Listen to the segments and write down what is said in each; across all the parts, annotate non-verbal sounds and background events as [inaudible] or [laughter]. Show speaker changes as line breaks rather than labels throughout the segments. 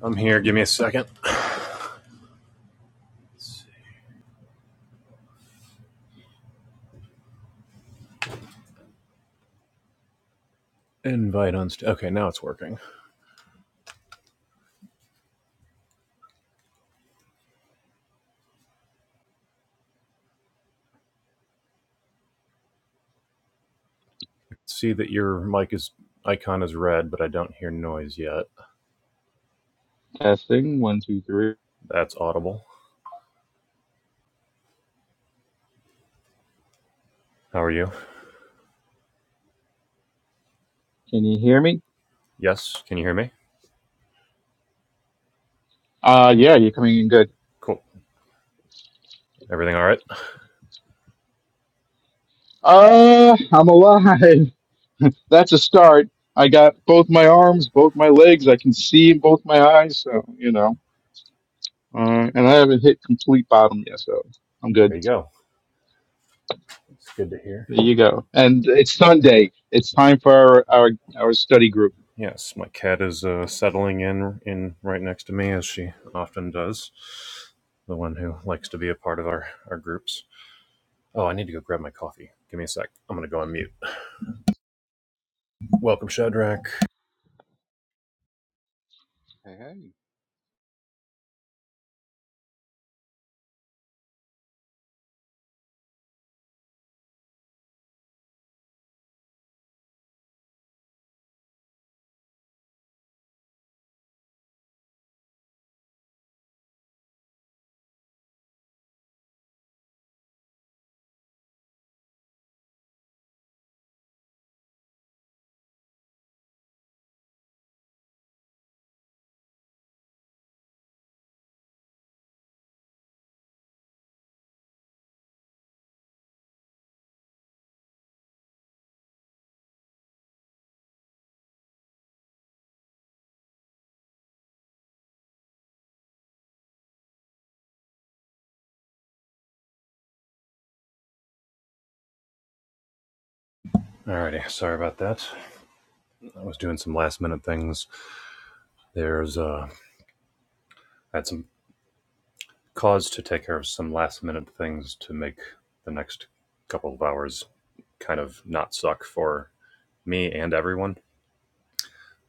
I'm here. Give me a second. Invite on. St- okay, now it's working. See that your mic is icon is red, but I don't hear noise yet.
Testing one two three.
That's audible. How are you?
Can you hear me?
Yes. Can you hear me?
Uh, yeah, you're coming in good.
Cool. Everything all right?
Uh, I'm alive. [laughs] That's a start. I got both my arms, both my legs. I can see in both my eyes. So you know, uh, and I haven't hit complete bottom yet. So I'm good.
There you go. It's good to hear.
There you go. And it's Sunday. It's time for our our, our study group.
Yes, my cat is uh, settling in in right next to me as she often does. The one who likes to be a part of our our groups. Oh, I need to go grab my coffee. Give me a sec. I'm gonna go on mute. Welcome, Shadrach.
Hey, hey.
Alrighty, sorry about that. I was doing some last minute things There's uh, had some cause to take care of some last minute things to make the next couple of hours kind of not suck for me and everyone.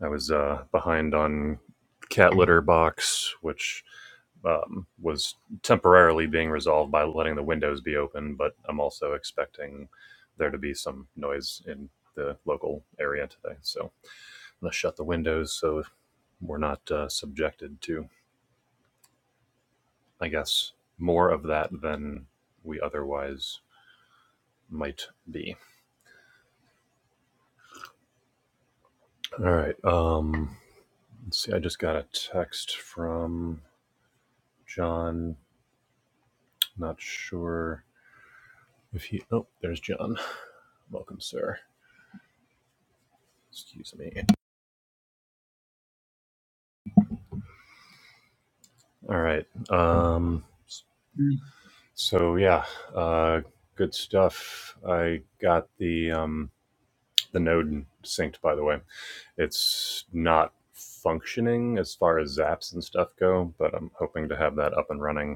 I was uh, behind on cat litter box, which um, was temporarily being resolved by letting the windows be open, but I'm also expecting there to be some noise in the local area today. So I'm going to shut the windows so we're not uh, subjected to I guess, more of that than we otherwise might be. All right. Um, let's see. I just got a text from John. Not sure if he. Oh, there's John. Welcome, sir. Excuse me. All right. Um, so yeah, uh, good stuff. I got the um, the node synced. By the way, it's not functioning as far as zaps and stuff go, but I'm hoping to have that up and running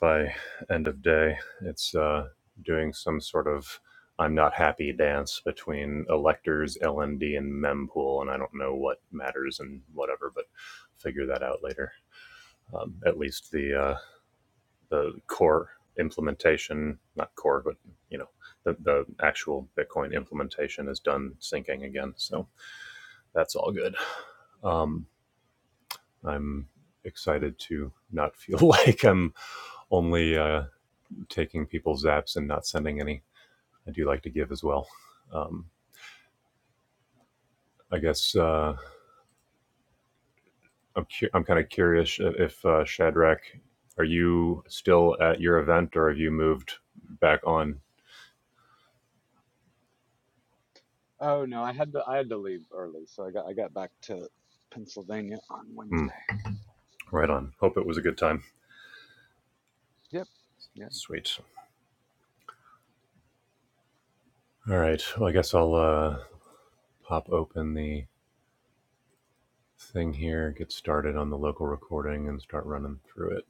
by end of day. It's uh, doing some sort of I'm not happy dance between electors, LMD, and mempool, and I don't know what matters and whatever, but figure that out later. Um, at least the uh, the core implementation, not core, but you know the, the actual Bitcoin implementation is done syncing again, so that's all good. Um, I'm excited to not feel [laughs] like I'm only uh, taking people's apps and not sending any I do like to give as well. Um, I guess uh, I'm cu- I'm kind of curious if uh, Shadrach, are you still at your event or have you moved back on?
Oh no, I had to I had to leave early, so I got I got back to Pennsylvania on
Hmm,
Wednesday.
right on. Hope it was a good time.
Yep. Yeah.
Sweet. All right. Well, I guess I'll uh, pop open the thing here, get started on the local recording, and start running through it.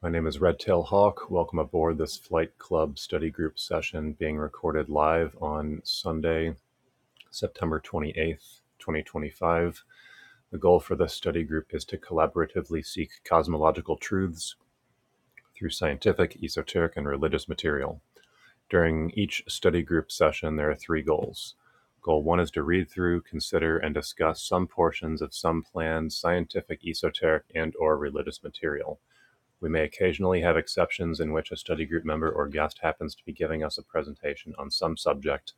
My name is Redtail Hawk. Welcome aboard this Flight Club study group session being recorded live on Sunday, September 28th, 2025. The goal for this study group is to collaboratively seek cosmological truths through scientific, esoteric, and religious material. During each study group session, there are three goals. Goal one is to read through, consider, and discuss some portions of some planned scientific, esoteric, and/or religious material. We may occasionally have exceptions in which a study group member or guest happens to be giving us a presentation on some subject,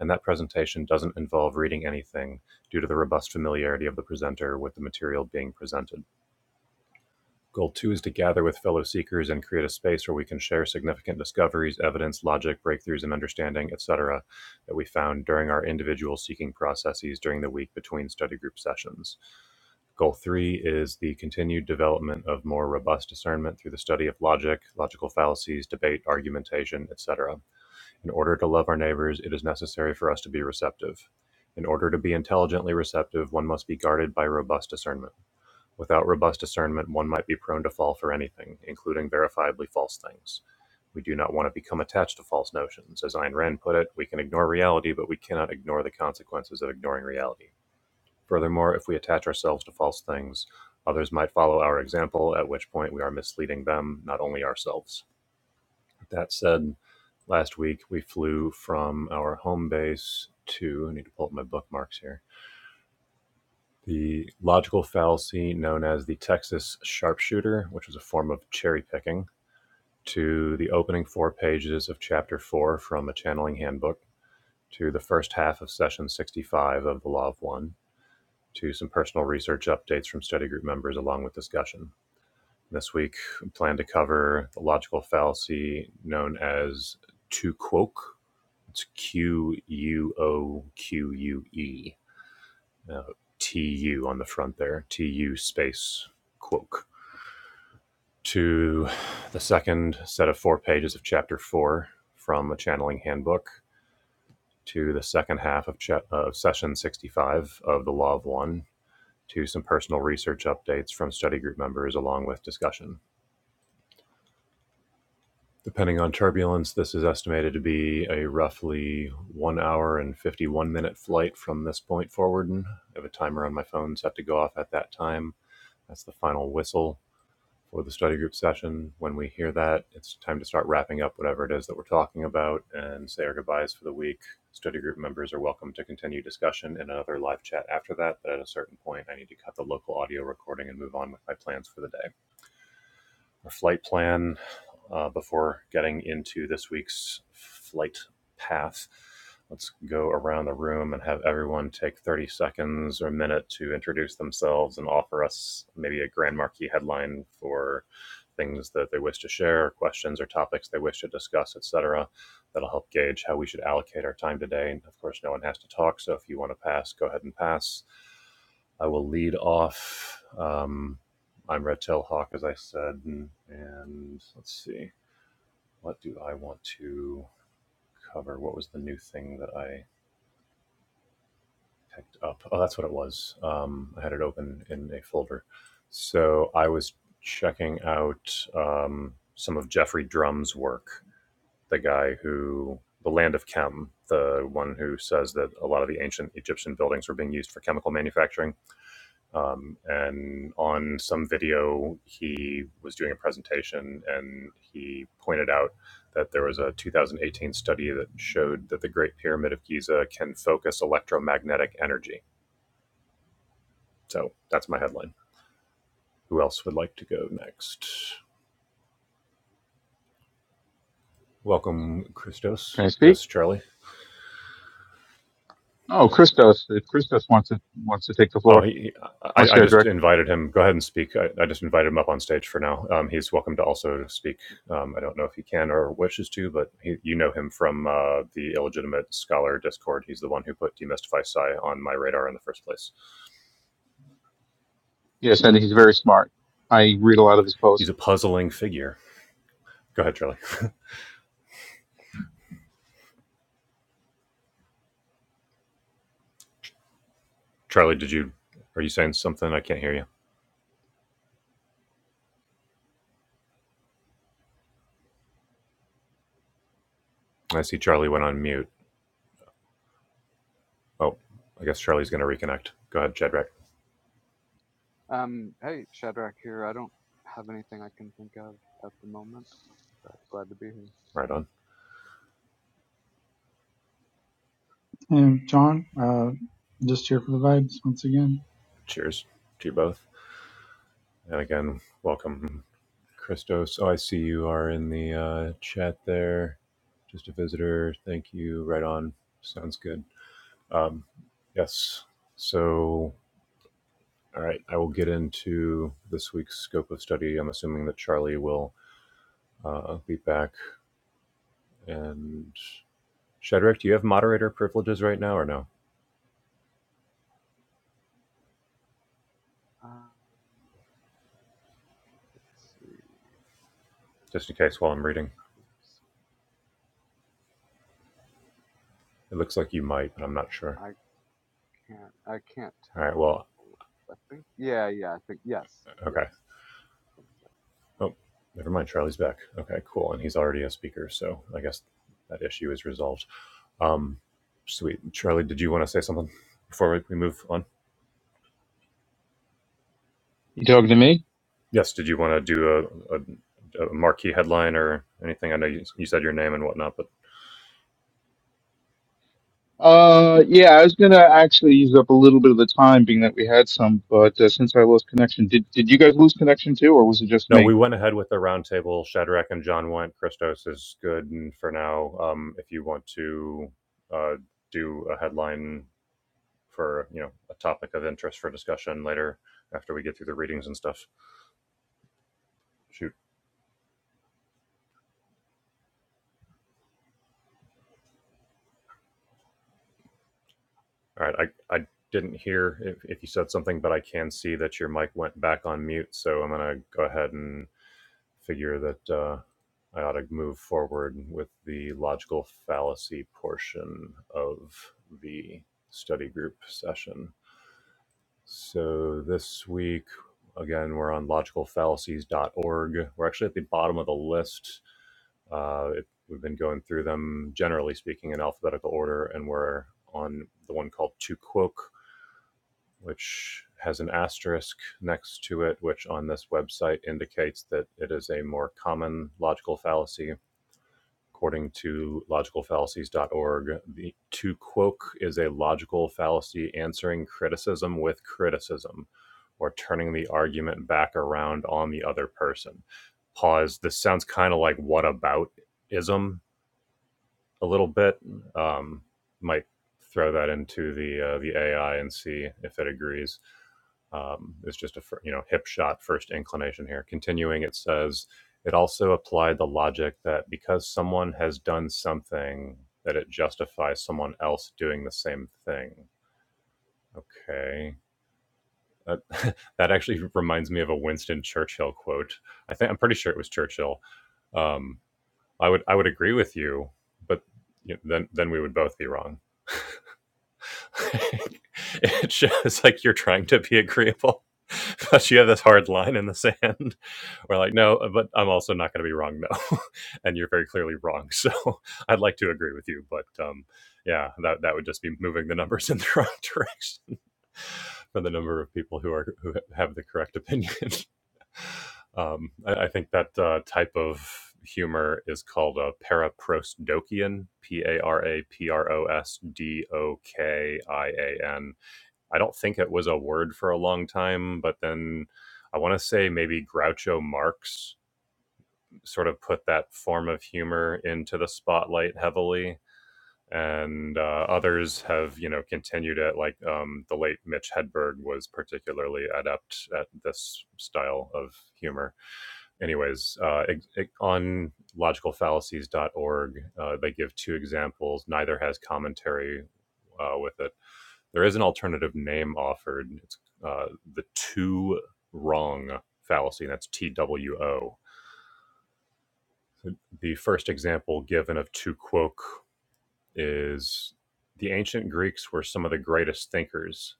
and that presentation doesn't involve reading anything due to the robust familiarity of the presenter with the material being presented. Goal two is to gather with fellow seekers and create a space where we can share significant discoveries, evidence, logic, breakthroughs, and understanding, etc., that we found during our individual seeking processes during the week between study group sessions. Goal three is the continued development of more robust discernment through the study of logic, logical fallacies, debate, argumentation, etc. In order to love our neighbors, it is necessary for us to be receptive. In order to be intelligently receptive, one must be guarded by robust discernment. Without robust discernment, one might be prone to fall for anything, including verifiably false things. We do not want to become attached to false notions. As Ayn Rand put it, we can ignore reality, but we cannot ignore the consequences of ignoring reality. Furthermore, if we attach ourselves to false things, others might follow our example, at which point we are misleading them, not only ourselves. That said, last week we flew from our home base to, I need to pull up my bookmarks here the logical fallacy known as the Texas sharpshooter, which is a form of cherry picking, to the opening four pages of Chapter 4 from a channeling handbook, to the first half of Session 65 of The Law of One, to some personal research updates from study group members along with discussion. This week, we plan to cover the logical fallacy known as to quoque. It's Q U O Q U E uh, TU on the front there, TU space Quoke, to the second set of four pages of chapter four from a channeling handbook, to the second half of, cha- of session 65 of the Law of One, to some personal research updates from study group members along with discussion. Depending on turbulence, this is estimated to be a roughly one hour and 51 minute flight from this point forward. I have a timer on my phone set to go off at that time. That's the final whistle for the study group session. When we hear that, it's time to start wrapping up whatever it is that we're talking about and say our goodbyes for the week. Study group members are welcome to continue discussion in another live chat after that, but at a certain point, I need to cut the local audio recording and move on with my plans for the day. Our flight plan uh, before getting into this week's flight path. Let's go around the room and have everyone take 30 seconds or a minute to introduce themselves and offer us maybe a Grand Marquis headline for things that they wish to share, questions or topics they wish to discuss, etc. That'll help gauge how we should allocate our time today. And of course, no one has to talk, so if you want to pass, go ahead and pass. I will lead off. Um, I'm Red Tail Hawk, as I said, and, and let's see, what do I want to cover? What was the new thing that I picked up? Oh, that's what it was. Um, I had it open in a folder. So I was checking out um, some of Jeffrey Drum's work. the guy who the land of chem the one who says that a lot of the ancient egyptian buildings were being used for chemical manufacturing um, and on some video he was doing a presentation and he pointed out that there was a 2018 study that showed that the great pyramid of giza can focus electromagnetic energy so that's my headline who else would like to go next welcome christos
Can I speak?
yes charlie
Oh, Christos. If Christos wants to wants to take the
Oh,
floor,
he, he-
or
I, I just
Shadrach.
invited him. Go ahead and speak. I, I just invited him up on stage for now. Um, he's welcome to also speak. Um, I don't know if he can or wishes to, but he, you know him from uh, the illegitimate scholar Discord. He's the one who put demystify psi on my radar in the first place.
Yes, and he's very smart. I read a lot of his
He's
posts.
a puzzling figure. Go ahead, Charlie. Charlie, did you? Are you saying something? I can't hear you. I see Charlie went on mute. Oh, I guess Charlie's going to reconnect. Go ahead, Jedrek.
Um hey, Shadrach here. I don't have anything I can think of at the moment, but glad to be here.
Right on.
And John, uh, just here for the vibes once again.
Cheers to you both. And again, welcome. Christos, oh, I see you are in the uh, chat there. Just a visitor. Thank you. Right on. Sounds good. Um, yes. So, all right, I will get into this week's scope of study. I'm assuming that Charlie will uh, be back. And Shadrach, do you have moderator privileges right now or no?
Um let's see.
Just in case while I'm reading.
Oops.
It looks like you might, but I'm not sure.
Uh, I can't I can't
All right,
tell.
well,
I think yeah, yeah, I think yes.
okay.
Yes. I think so.
Oh, never mind. Charlie's back. Okay, cool. And he's already a speaker, so I guess that issue is resolved. Um, sweet. Charlie, did you want to say something before we, we move on?
You talking to me?
Yes, did you want to do a, a, a marquee headline or anything? I know you, you said your name and whatnot, but
Uh, yeah, I was gonna actually use up a little bit of the time, being that we had some, but uh, since I lost connection, did did you guys lose connection too, or was it just
no, we
me?
went ahead with the roundtable. Shadrach and John went. Christos is good and for now. Um, if you want to uh, do a headline for you know a topic of interest for discussion later after we get through the readings and stuff, shoot. All right, I, I didn't hear if, if you said something, but I can see that your mic went back on mute. So I'm going to go ahead and figure that uh, I ought to move forward with the logical fallacy portion of the study group session. So this week, again, we're on logicalfallacies.org. We're actually at the bottom of the list. Uh, it, we've been going through them, generally speaking, in alphabetical order, and we're on the one called To quoque, which has an asterisk next to it, which on this website indicates that it is a more common logical fallacy According to logicalfallacies.org, the, to quoque is a logical fallacy answering criticism with criticism or turning the argument back around on the other person. Pause. This sounds kind of like what about ism a little bit. Um, might throw that into the uh, the AI and see if it agrees. Um, it's just a you know hip shot first inclination here. Continuing, it says it also applied the logic that because someone has done something, that it justifies someone else doing the same thing. Okay. That, [laughs] that actually reminds me of a Winston Churchill quote. I think I'm pretty sure it was Churchill. Um, I would I would agree with you, but you know, then then we would both be wrong. [laughs] it shows like you're trying to be agreeable, but you have this hard line in the sand. We're like, no, but I'm also not going to be wrong, no. [laughs] and you're very clearly wrong. So [laughs] I'd like to agree with you, but um, yeah, that that would just be moving the numbers in the wrong direction [laughs] for the number of people who are who have the correct opinion. [laughs] Um, I, I think that uh, type of humor is called a paraprosdokian, P A R A P R O S D O K I A N. I don't think it was a word for a long time, but then I want to say maybe Groucho Marx sort of put that form of humor into the spotlight heavily. And uh, others have, you know, continued it. Like um, the late Mitch Hedberg was particularly adept at this style of humor anyways, uh, ex- ex- on logicalfallacies.org, uh, they give two examples. Neither has commentary uh, with it. There is an alternative name offered. It's uh, the two wrong fallacy, and that's T W O. The first example given of two quoque is the ancient Greeks were some of the greatest thinkers.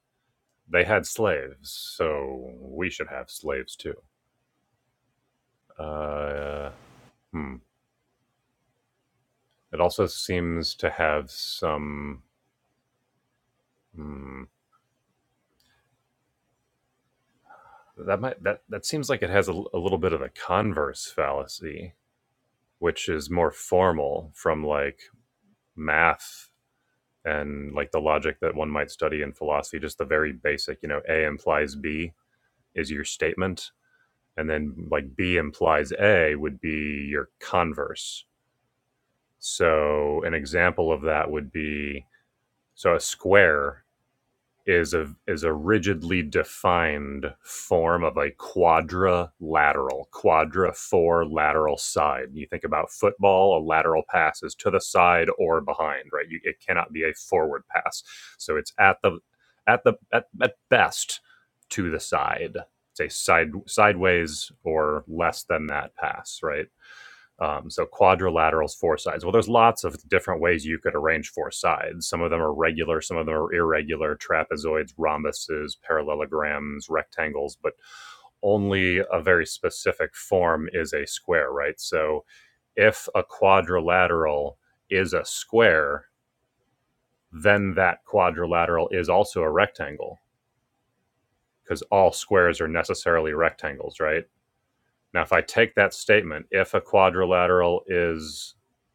They had slaves, so we should have slaves too. Uh, hmm. It also seems to have some Hmm. That might that that seems like it has a a little bit of a converse fallacy, which is more formal from like math and like the logic that one might study in philosophy. Just the very basic, you know, A implies B is your statement, and then like B implies A would be your converse. So an example of that would be so a square is a is a rigidly defined form of a quadrilateral quadra four lateral side you think about football a lateral pass is to the side or behind right you, it cannot be a forward pass so it's at the at the at, at best to the side say side sideways or less than that pass right um, so quadrilaterals, four sides. Well, there's lots of different ways you could arrange four sides. Some of them are regular, some of them are irregular, trapezoids, rhombuses, parallelograms, rectangles, but only a very specific form is a square, right? So if a quadrilateral is a square, then that quadrilateral is also a rectangle because all squares are necessarily rectangles, right? Now, if I take that statement, if a quadrilateral is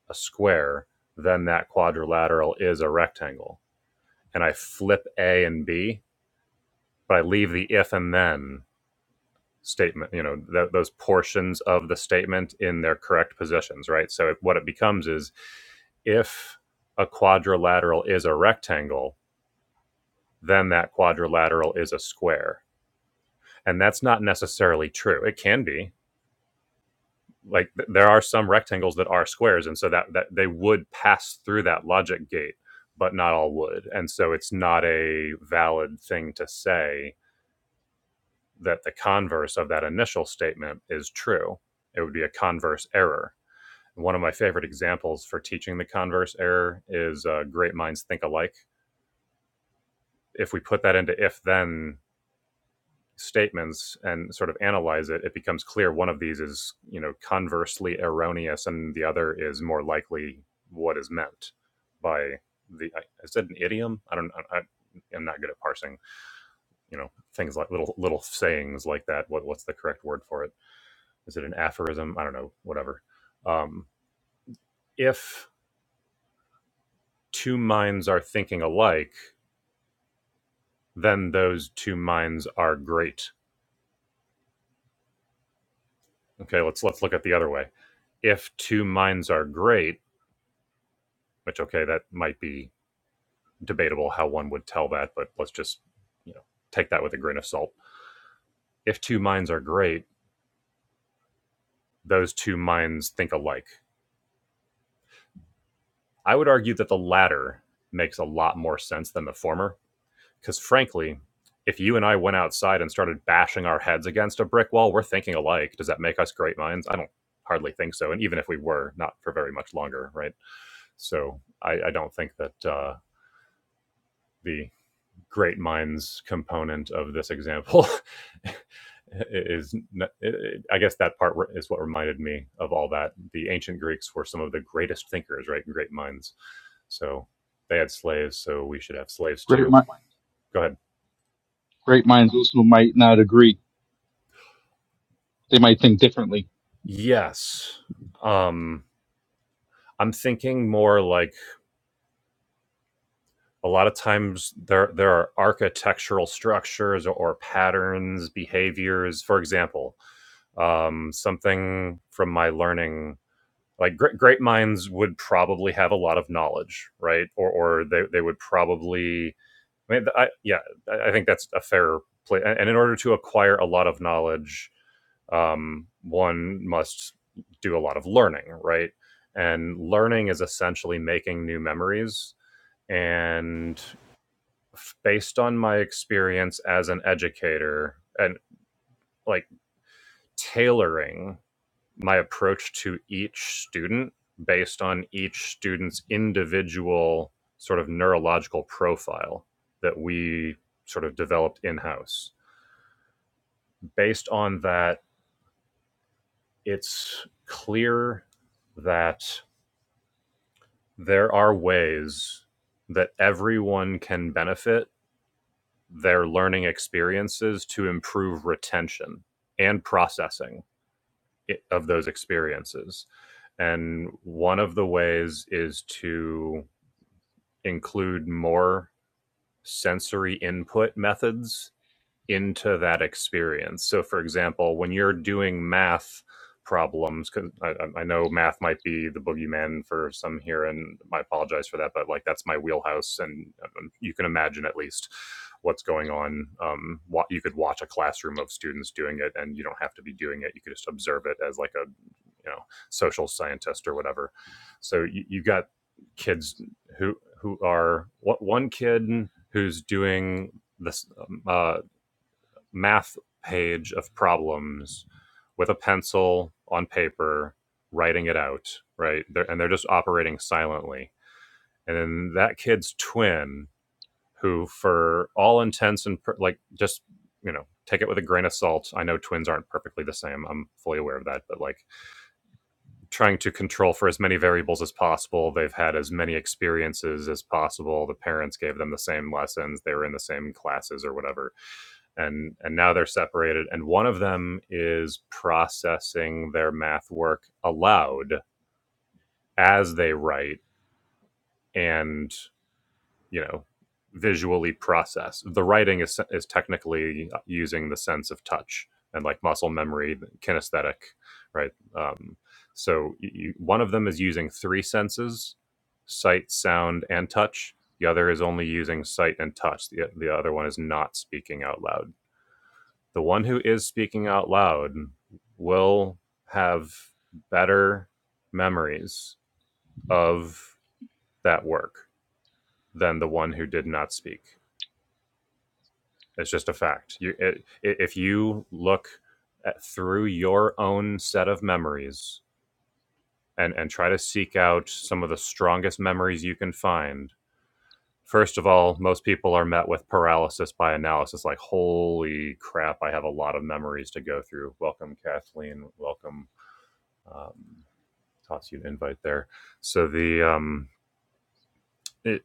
a square, then that quadrilateral is a rectangle. And I flip A and B, but I leave the if and then statement, you know, th- those portions of the statement in their correct positions, right? So it, what it becomes is if a quadrilateral is a rectangle, then that quadrilateral is a square. And that's not necessarily true. It can be, like th- there are some rectangles that are squares and so that, that they would pass through that logic gate but not all would and so it's not a valid thing to say that the converse of that initial statement is true it would be a converse error one of my favorite examples for teaching the converse error is uh, great minds think alike if we put that into if then statements and sort of analyze it, it becomes clear one of these is, you know, conversely erroneous and the other is more likely what is meant by the I, I said an idiom. I don't I, I am not good at parsing, you know, things like little little sayings like that. What what's the correct word for it? Is it an aphorism? I don't know, whatever. Um if two minds are thinking alike, then those two minds are great. Okay, let's let's look at the other way. If two minds are great, Which okay, that might be debatable how one would tell that, but let's just you know take that with a grain of salt. If two minds are great, those two minds think alike. I would argue that the latter makes a lot more sense than the former, because frankly, if you and I went outside and started bashing our heads against a brick wall, we're thinking alike. Does that make us great minds? I don't hardly think so. And even if we were, not for very much longer, right? So I, I don't think that uh, the great minds component of this example [laughs] is i guess that part is what reminded me of all that the ancient greeks were some of the greatest thinkers right great minds so they had slaves so we should have slaves
Great,
too
mi-
go ahead
great minds also might not agree; they might think differently.
yes um i'm thinking more like a lot of times there there are architectural structures or patterns behaviors for example um, something from my learning like great, great minds would probably have a lot of knowledge, right? Or or they, they would probably. I mean, I, yeah, I think that's a fair play. And in order to acquire a lot of knowledge, um, one must do a lot of learning, right? And learning is essentially making new memories. And based on my experience as an educator, and like tailoring my approach to each student based on each student's individual sort of neurological profile that we sort of developed in house. Based on that, it's clear that there are ways that everyone can benefit their learning experiences to improve retention and processing of those experiences. And one of the ways is to include more sensory input methods into that experience. So, for example, when you're doing math problems, 'cause I, I I know math might be the boogeyman for some here, and I apologize for that, but like that's my wheelhouse, and um, you can imagine at least what's going on. Um, wa- you could watch a classroom of students doing it, and you don't have to be doing it. You could just observe it as like a you know social scientist or whatever. So you, you got kids who who are what one kid who's doing this um, uh, math page of problems with a pencil on paper, writing it out, right? They're, and they're just operating silently. And then that kid's twin, who for all intents and per- like just you know take it with a grain of salt i know twins aren't perfectly the same i'm fully aware of that but like trying to control for as many variables as possible they've had as many experiences as possible the parents gave them the same lessons they were in the same classes or whatever and and now they're separated and one of them is processing their math work aloud as they write and you know visually process the writing is is technically using the sense of touch and like muscle memory kinesthetic right um so y one of them is using three senses sight sound and touch the other is only using sight and touch the, the other one is not speaking out loud the one who is speaking out loud will have better memories of that work than the one who did not speak. It's just a fact. You, it, if you look at, through your own set of memories and, and try to seek out some of the strongest memories you can find, first of all, most people are met with paralysis by analysis like, holy crap, I have a lot of memories to go through. Welcome, Kathleen. Welcome. Um, toss you an invite there. So the um, it,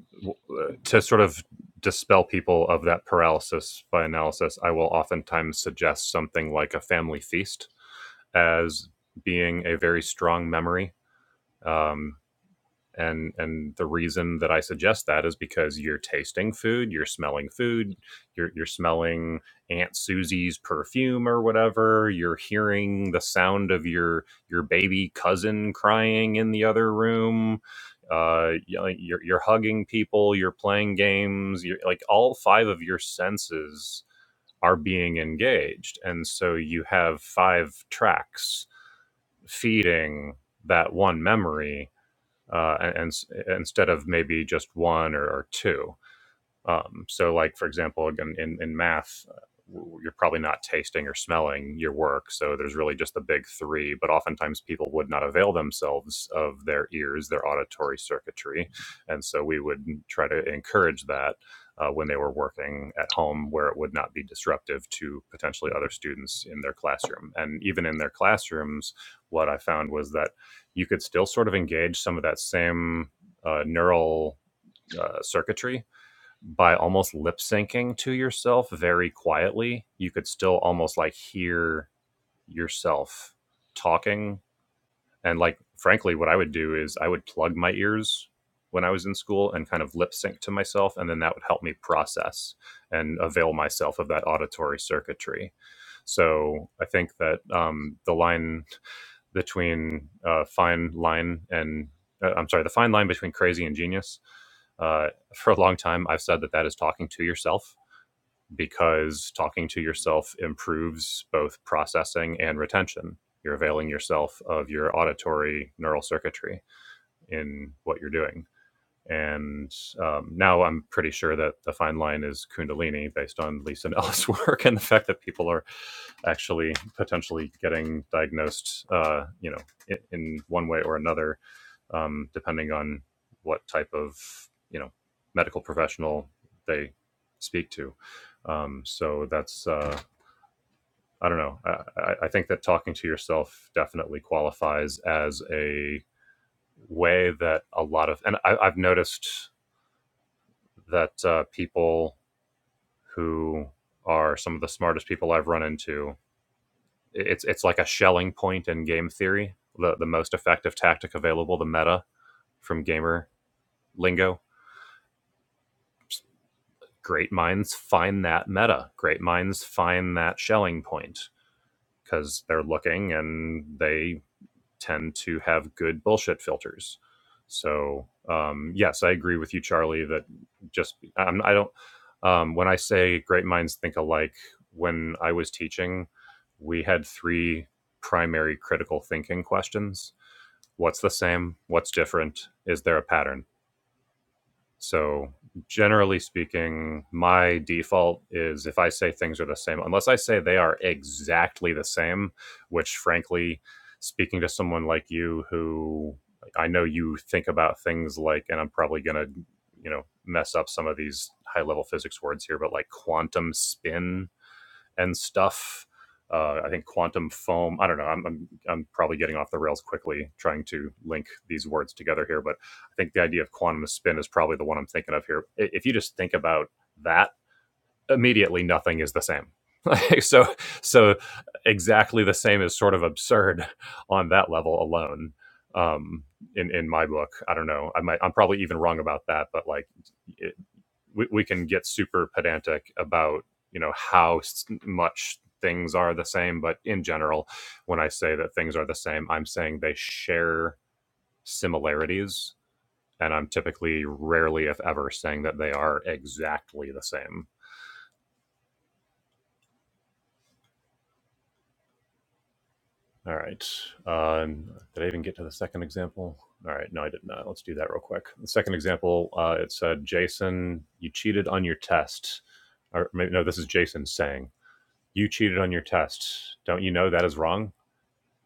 uh, to sort of dispel people of that paralysis by analysis, I will oftentimes suggest something like a family feast as being a very strong memory. Um, and and the reason that i suggest that is because you're tasting food you're smelling food you're, you're smelling aunt susie's perfume or whatever you're hearing the sound of your your baby cousin crying in the other room uh, you are you're hugging people you're playing games you're like all five of your senses are being engaged and so you have five tracks feeding that one memory uh, and, and instead of maybe just one or, or two. Um, so, like for example, again in in math, uh, you're probably not tasting or smelling your work. So there's really just the big three. But oftentimes people would not avail themselves of their ears, their auditory circuitry, and so we would try to encourage that. Uh, when they were working at home, where it would not be disruptive to potentially other students in their classroom. And even in their classrooms, what I found was that you could still sort of engage some of that same uh, neural uh, circuitry by almost lip syncing to yourself very quietly, you could still almost like hear yourself talking. And like, frankly, what I would do is I would plug my ears when I was in school and kind of lip sync to myself. And then that would help me process and avail myself of that auditory circuitry. So I think that um, the line between uh, fine line and uh, I'm sorry, the fine line between crazy and genius. Uh, for a long time, I've said that that is talking to yourself because talking to yourself improves both processing and retention. You're availing yourself of your auditory neural circuitry in what you're doing and um, now I'm pretty sure that the fine line is Kundalini based on Lisa Ellis' [laughs] work and the fact that people are actually potentially getting diagnosed, uh, you know, in, in one way or another, um, depending on what type of, you know, medical professional they speak to. Um, so that's, uh, I don't know. I, I I think that talking to yourself definitely qualifies as a way that a lot of, and I, I've noticed that uh, people who are some of the smartest people I've run into. It's it's like a shelling point in game theory. The the most effective tactic available, the meta from gamer lingo. Great minds find that meta. Great minds find that shelling point because they're looking and they tend to have good bullshit filters. So um, yes, I agree with you, Charlie. That just I'm, I i do not Um, when I say great minds think alike, when I was teaching, we had three primary critical thinking questions: What's the same? What's different? Is there a pattern? So, generally speaking, my default is if I say things are the same, unless I say they are exactly the same, which, frankly, speaking to someone like you who like, I know you think about things like, and I'm probably going to, you know, mess up some of these high level physics words here, but like quantum spin and stuff. Uh, I think quantum foam. I don't know. I'm, I'm I'm probably getting off the rails quickly trying to link these words together here, but I think the idea of quantum spin is probably the one I'm thinking of here. If you just think about that, immediately nothing is the same. [laughs] so so exactly the same is sort of absurd on that level alone. Um, in in my book, I don't know. I might I'm probably even wrong about that, but like we, we can get super pedantic about you know how much things are the same but in general when i say that things are the same i'm saying they share similarities and i'm typically rarely if ever saying that they are exactly the same all right um, did i even get to the second example all right no i did not let's do that real quick the second example uh, it said jason you cheated on your test or maybe no this is jason saying You cheated on your test. Don't you know that is wrong?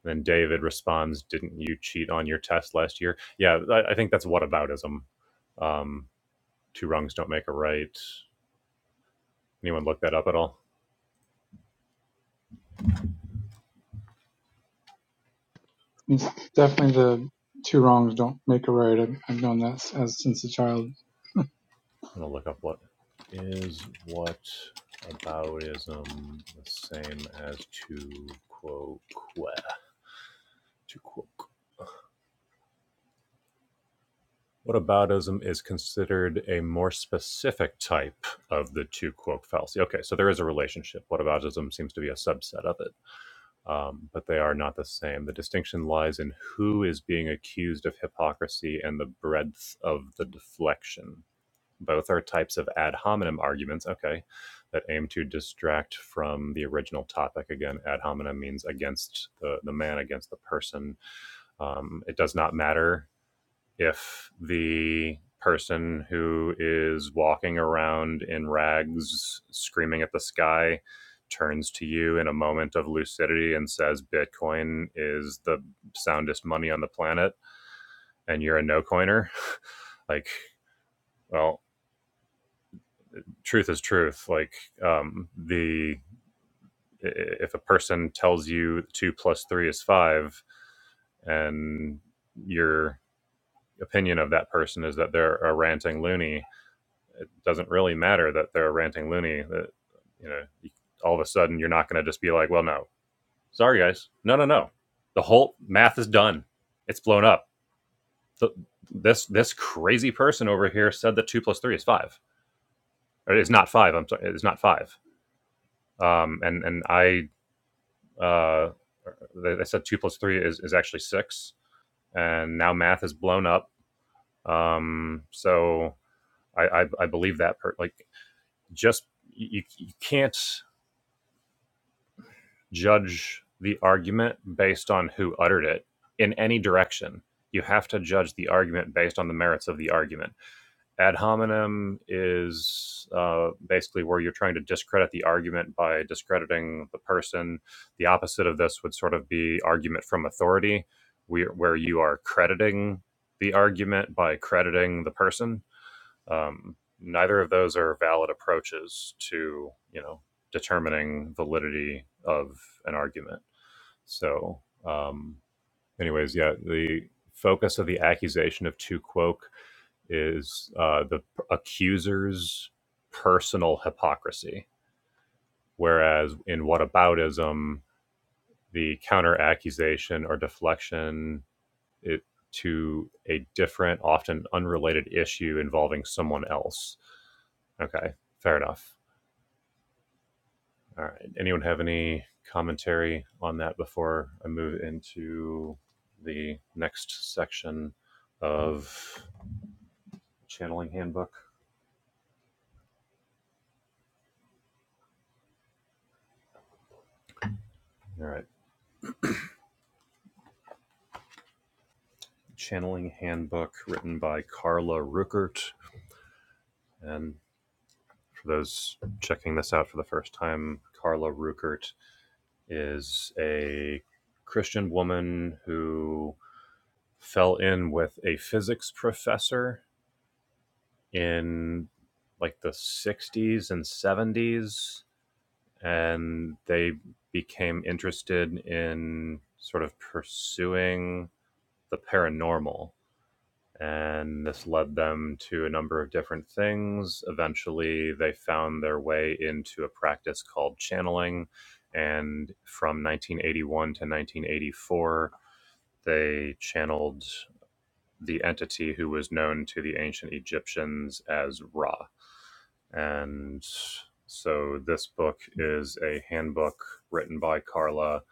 Then David responds, Didn't you cheat on your test last year? Yeah, I, I think that's whataboutism. Um, two wrongs don't make a right. Anyone look that up at all?
It's definitely the two wrongs don't make a right. I've, I've known that s- as since a child.
I'm going to look up what is whataboutism the same as to quoque. To quoque. Whataboutism is considered a more specific type of the two quoque fallacy. Okay, so there is a relationship. Whataboutism seems to be a subset of it um, but they are not the same. The distinction lies in who is being accused of hypocrisy and the breadth of the deflection. Both are types of ad hominem arguments, okay, that aim to distract from the original topic. Again, ad hominem means against the, the man, against the person. Um, it does not matter if the person who is walking around in rags screaming at the sky turns to you in a moment of lucidity and says bitcoin is the soundest money on the planet and you're a no coiner [laughs] like well truth is truth like um the if a person tells you two plus three is five and your opinion of that person is that they're a ranting loony doesn't really matter that they're a ranting loony. That you know, all of a sudden you're not going to just be like, well, no, sorry guys, no, no, no. The whole math is done. It's blown up. Th- This this crazy person over here said that two plus three is five. Or it's not five. I'm sorry, it's not five. Um, and and I uh, they said two plus three is is actually six. And now math is blown up. Um, so I I, I believe that per- like just you you can't judge the argument based on who uttered it in any direction. You have to judge the argument based on the merits of the argument. Ad hominem is uh, basically where you're trying to discredit the argument by discrediting the person. The opposite of this would sort of be argument from authority, where where you are crediting the argument by crediting the person um, neither of those are valid approaches to you know determining validity of an argument. So, um, anyways, yeah, the focus of the accusation of Tu Quoque is uh, the accuser's personal hypocrisy, whereas in whataboutism, the counter accusation or deflection it, to a different, often unrelated issue involving someone else. Okay, fair enough. All right. Anyone have any commentary on that before I move into the next section of Channeling Handbook? All right. Channeling Handbook written by Carla Ruckert. And for those checking this out for the first time, Carla Ruckert is a Christian woman who fell in with a physics professor in like the 60s and 70s and they became interested in sort of pursuing the paranormal. And this led them to a number of different things. Eventually, they found their way into a practice called channeling. And from 1981 to 1984, they channeled the entity who was known to the ancient Egyptians as Ra. And so this book is a handbook written by Carla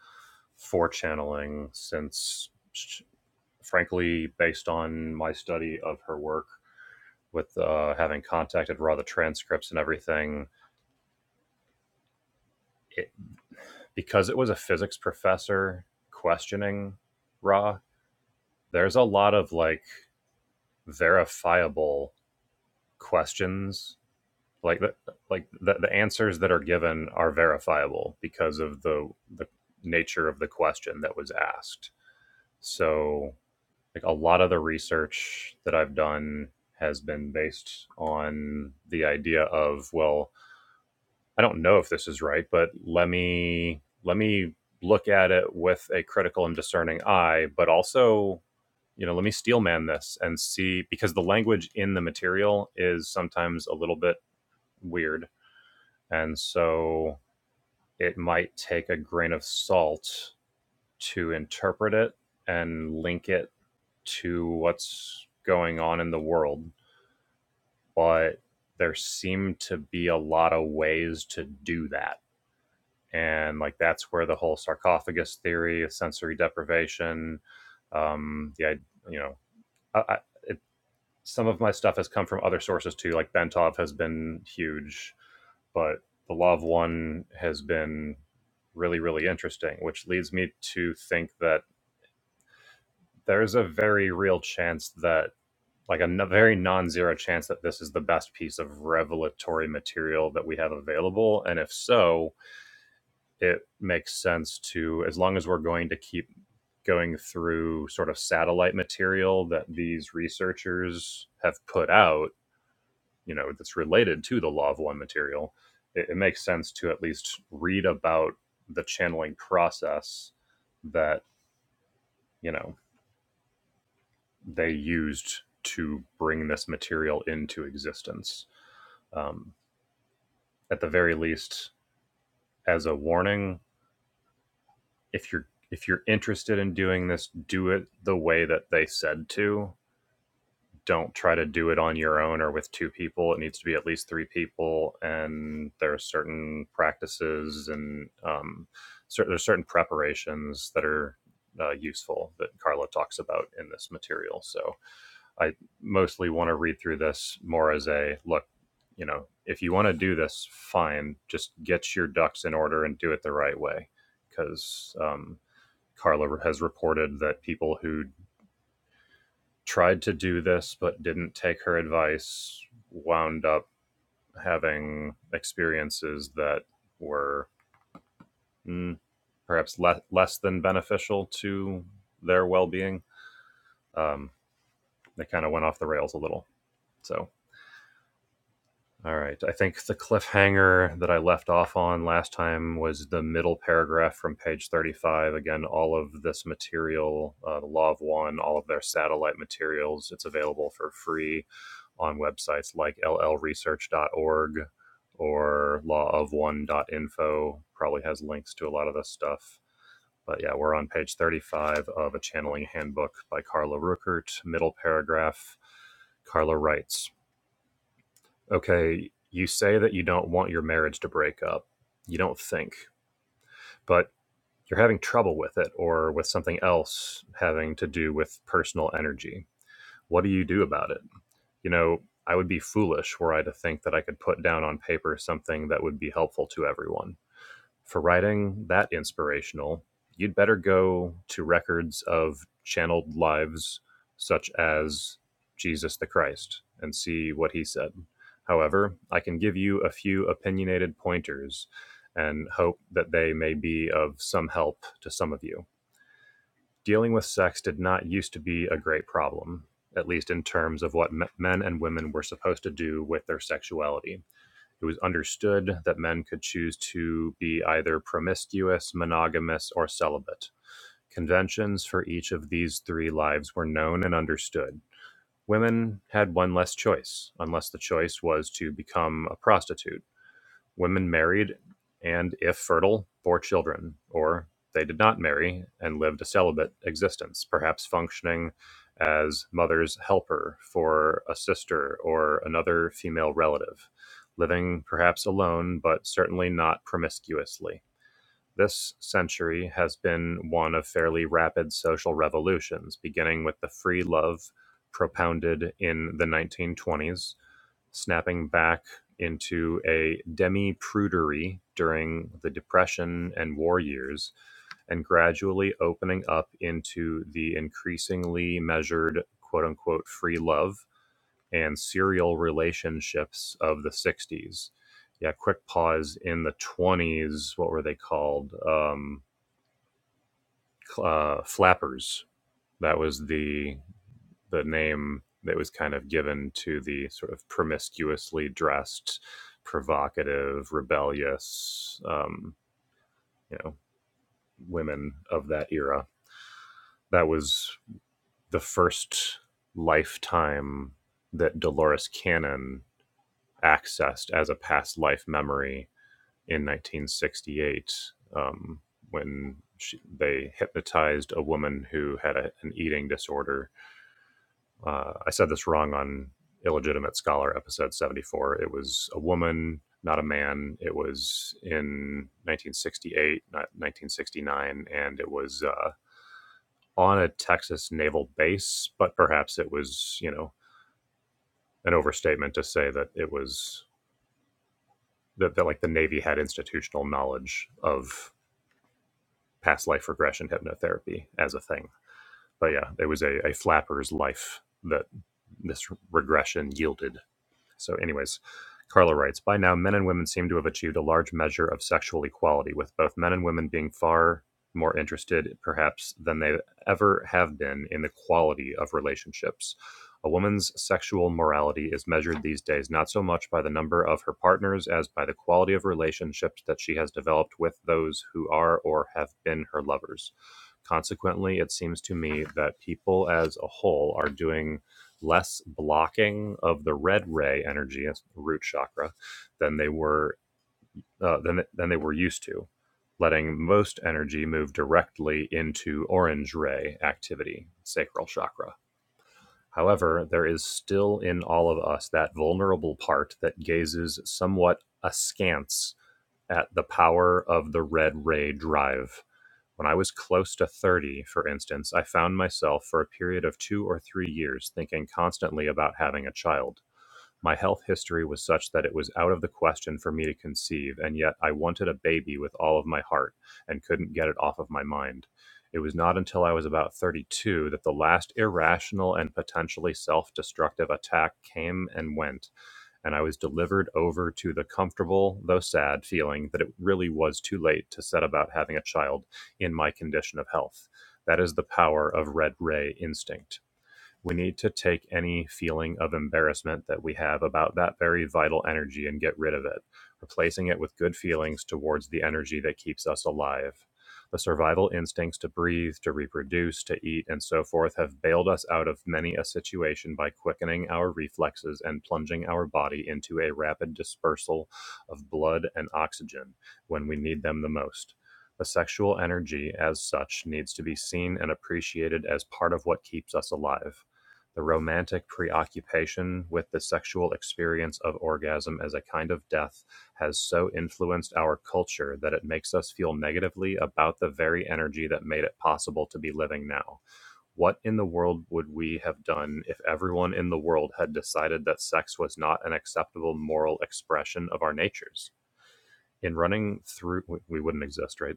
for channeling, since, frankly, based on my study of her work with uh, having contacted raw the transcripts and everything, it, because it was a physics professor questioning Ra, there's a lot of like verifiable questions like that like the, the answers that are given are verifiable because of the the nature of the question that was asked so like a lot of the research that i've done has been based on the idea of well i don't know if this is right but let me let me look at it with a critical and discerning eye but also you know let me steelman this and see because the language in the material is sometimes a little bit weird and so it might take a grain of salt to interpret it and link it to what's going on in the world. But there seem to be a lot of ways to do that. And like that's where the whole sarcophagus theory of sensory deprivation, um, the you know, I, I, it, some of my stuff has come from other sources too. Like Bentov has been huge but the law of one has been really, really interesting, which leads me to think that there's a very real chance that, like a n- very non zero chance, that this is the best piece of revelatory material that we have available. And if so, it makes sense to, as long as we're going to keep going through sort of satellite material that these researchers have put out you know that's related to the law of one material it, it makes sense to at least read about the channeling process that you know they used to bring this material into existence um, at the very least as a warning if you're if you're interested in doing this do it the way that they said to don't try to do it on your own or with two people. It needs to be at least three people, and there are certain practices and um, cer- there's certain preparations that are uh, useful that Carla talks about in this material. So I mostly want to read through this more as a look. You know, if you want to do this, fine. Just get your ducks in order and do it the right way, because um, Carla has reported that people who tried to do this but didn't take her advice wound up having experiences that were mm, perhaps le- less than beneficial to their well-being um, they kind of went off the rails a little so All right. I think the cliffhanger that I left off on last time was the middle paragraph from page 35. Again, all of this material, uh, the Law of One, all of their satellite materials, it's available for free on websites like llresearch.org or lawofone.info. Probably has links to a lot of this stuff. But yeah, we're on page 35 of A Channeling Handbook by Carla Ruckert, middle paragraph. Carla writes okay, you say that you don't want your marriage to break up. You don't think, but you're having trouble with it or with something else having to do with personal energy. What do you do about it? You know, I would be foolish were I to think that I could put down on paper something that would be helpful to everyone for writing that inspirational, you'd better go to records of channeled lives such as Jesus the Christ and see what he said. However, I can give you a few opinionated pointers and hope that they may be of some help to some of you. Dealing with sex did not used to be a great problem, at least in terms of what men and women were supposed to do with their sexuality it was understood that men could choose to be either promiscuous, monogamous, or celibate. Conventions for each of these three lives were known and understood. Women had one less choice, unless the choice was to become a prostitute Women married and, if fertile, bore children, or they did not marry and lived a celibate existence, perhaps functioning as mother's helper for a sister or another female relative, living perhaps alone, but certainly not promiscuously. This century has been one of fairly rapid social revolutions, beginning with the free love propounded in the 1920s, snapping back into a demi prudery during the Depression and war years, and gradually opening up into the increasingly measured quote unquote free love and serial relationships of the 60s. Yeah, quick pause in the 20s. What were they called? Um, uh, flappers. That was the the name that was kind of given to the sort of promiscuously dressed, provocative, rebellious, um, you know, women of that era. That was the first lifetime that Dolores Cannon accessed as a past life memory in 1968 um, when she, they hypnotized a woman who had a, an eating disorder. Uh, I said this wrong on Illegitimate Scholar episode 74. It was a woman, not a man. It was in 1968, not 1969, and it was uh, on a Texas naval base, but perhaps it was, you know, an overstatement to say that it was that, that like the Navy had institutional knowledge of past life regression hypnotherapy as a thing. But yeah, it was a, a flapper's life that this regression yielded. So, anyways, Carla writes By now, men and women seem to have achieved a large measure of sexual equality, with both men and women being far more interested, perhaps, than they ever have been in the quality of relationships. A woman's sexual morality is measured these days not so much by the number of her partners as by the quality of relationships that she has developed with those who are or have been her lovers. Consequently, it seems to me that people as a whole are doing less blocking of the red ray energy, that's the root chakra, than they were uh, than than they were used to, letting most energy move directly into orange ray activity, sacral chakra. However, there is still in all of us that vulnerable part that gazes somewhat askance at the power of the red ray drive. When I was close to 30, for instance, I found myself for a period of two or three years thinking constantly about having a child. My health history was such that it was out of the question for me to conceive, and yet I wanted a baby with all of my heart and couldn't get it off of my mind. It was not until I was about 32 that the last irrational and potentially self destructive attack came and went, and I was delivered over to the comfortable, though sad, feeling that it really was too late to set about having a child in my condition of health. That is the power of red ray instinct we need to take any feeling of embarrassment that we have about that very vital energy and get rid of it, replacing it with good feelings towards the energy that keeps us alive. The survival instincts to breathe, to reproduce, to eat, and so forth have bailed us out of many a situation by quickening our reflexes and plunging our body into a rapid dispersal of blood and oxygen when we need them the most. The sexual energy, as such, needs to be seen and appreciated as part of what keeps us alive. The romantic preoccupation with the sexual experience of orgasm as a kind of death has so influenced our culture that it makes us feel negatively about the very energy that made it possible to be living now. What in the world would we have done if everyone in the world had decided that sex was not an acceptable moral expression of our natures? In running through, we wouldn't exist, right?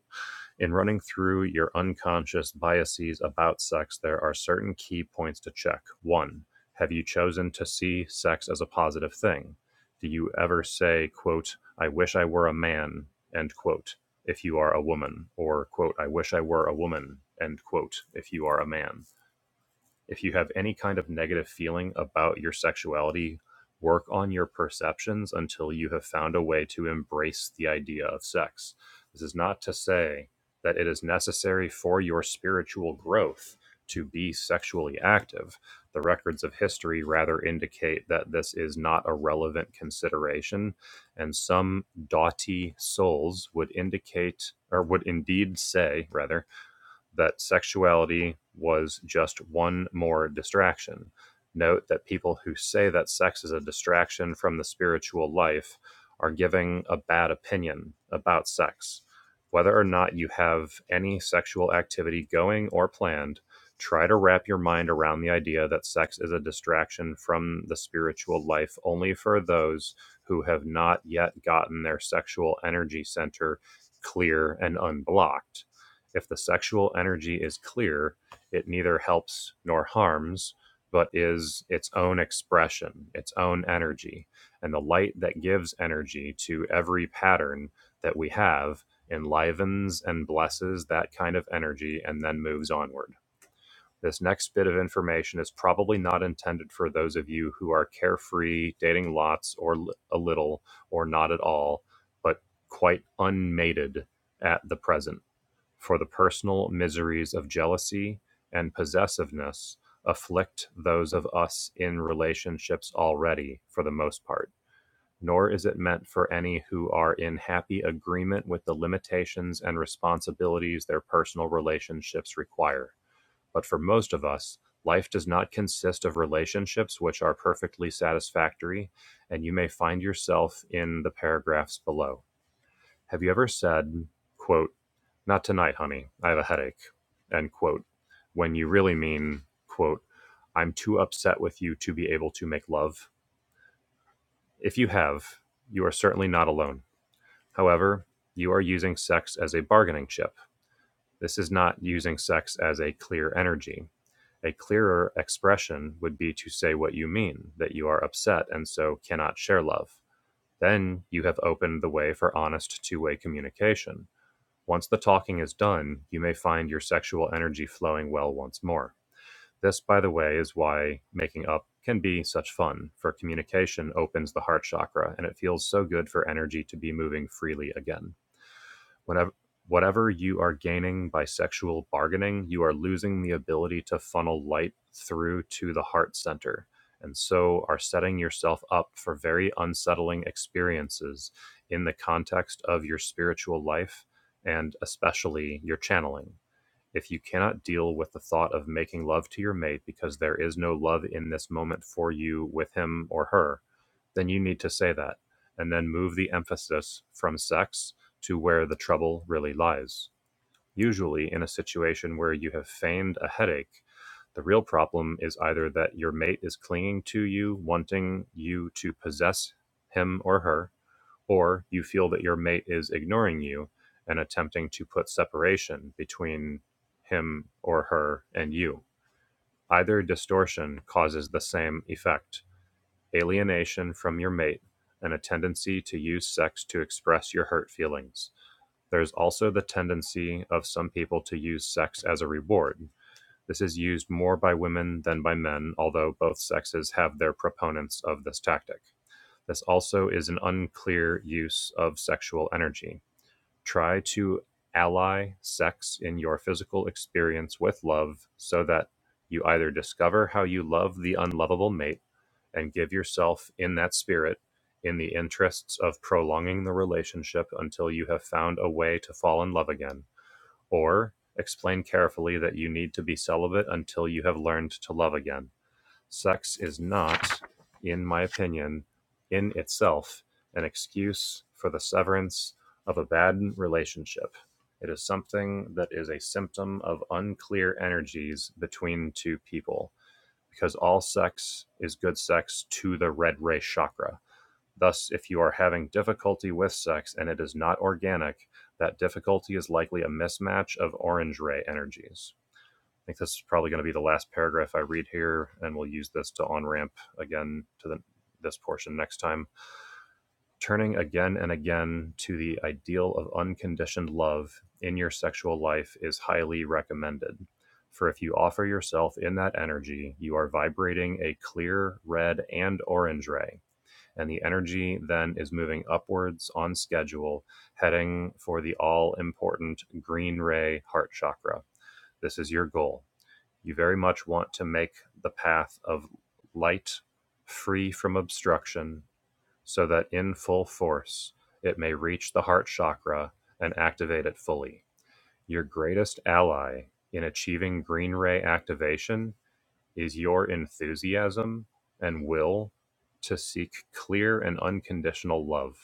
In running through your unconscious biases about sex, there are certain key points to check. One, have you chosen to see sex as a positive thing? Do you ever say, quote, I wish I were a man, end quote, if you are a woman, or, quote, I wish I were a woman, end quote, if you are a man? if you have any kind of negative feeling about your sexuality, work on your perceptions until you have found a way to embrace the idea of sex. This is not to say that it is necessary for your spiritual growth to be sexually active. The records of history rather indicate that this is not a relevant consideration, and some doughty souls would indicate, or would indeed say, rather, that sexuality was just one more distraction. Note that people who say that sex is a distraction from the spiritual life are giving a bad opinion about sex. Whether or not you have any sexual activity going or planned, try to wrap your mind around the idea that sex is a distraction from the spiritual life only for those who have not yet gotten their sexual energy center clear and unblocked if the sexual energy is clear, it neither helps nor harms, but is its own expression, its own energy. And the light that gives energy to every pattern that we have enlivens and blesses that kind of energy and then moves onward. This next bit of information is probably not intended for those of you who are carefree, dating lots or li- a little or not at all, but quite unmated at the present for the personal miseries of jealousy and possessiveness afflict those of us in relationships already, for the most part, nor is it meant for any who are in happy agreement with the limitations and responsibilities their personal relationships require. But for most of us, life does not consist of relationships which are perfectly satisfactory, and you may find yourself in the paragraphs below. Have you ever said, quote, not tonight, honey, I have a headache, end quote, when you really mean, quote, I'm too upset with you to be able to make love? If you have, you are certainly not alone. However, you are using sex as a bargaining chip. This is not using sex as a clear energy. A clearer expression would be to say what you mean, that you are upset and so cannot share love. Then you have opened the way for honest two way communication Once the talking is done, you may find your sexual energy flowing well once more. This, by the way, is why making up can be such fun, for communication opens the heart chakra and it feels so good for energy to be moving freely again. Whenever, whatever you are gaining by sexual bargaining, you are losing the ability to funnel light through to the heart center, and so are setting yourself up for very unsettling experiences in the context of your spiritual life and especially your channeling. If you cannot deal with the thought of making love to your mate because there is no love in this moment for you with him or her, then you need to say that and then move the emphasis from sex to where the trouble really lies. Usually, in a situation where you have feigned a headache, the real problem is either that your mate is clinging to you, wanting you to possess him or her, or you feel that your mate is ignoring you and attempting to put separation between him or her and you. Either distortion causes the same effect alienation from your mate, and a tendency to use sex to express your hurt feelings. There's also the tendency of some people to use sex as a reward. This is used more by women than by men, although both sexes have their proponents of this tactic. This also is an unclear use of sexual energy. Try to ally sex in your physical experience with love so that you either discover how you love the unlovable mate and give yourself in that spirit in the interests of prolonging the relationship until you have found a way to fall in love again, or explain carefully that you need to be celibate until you have learned to love again Sex is not, in my opinion, in itself an excuse for the severance of a bad relationship. It is something that is a symptom of unclear energies between two people, because all sex is good sex to the red ray chakra. Thus, if you are having difficulty with sex and it is not organic, that difficulty is likely a mismatch of orange ray energies. I think this is probably going to be the last paragraph I read here, and we'll use this to on ramp again to the, this portion next time. Turning again and again to the ideal of unconditioned love in your sexual life is highly recommended. For if you offer yourself in that energy, you are vibrating a clear red and orange ray, and the energy then is moving upwards on schedule, heading for the all important green ray heart chakra. This is your goal you very much want to make the path of light free from obstruction so that in full force it may reach the heart chakra and activate it fully. Your greatest ally in achieving green ray activation is your enthusiasm and will to seek clear and unconditional love.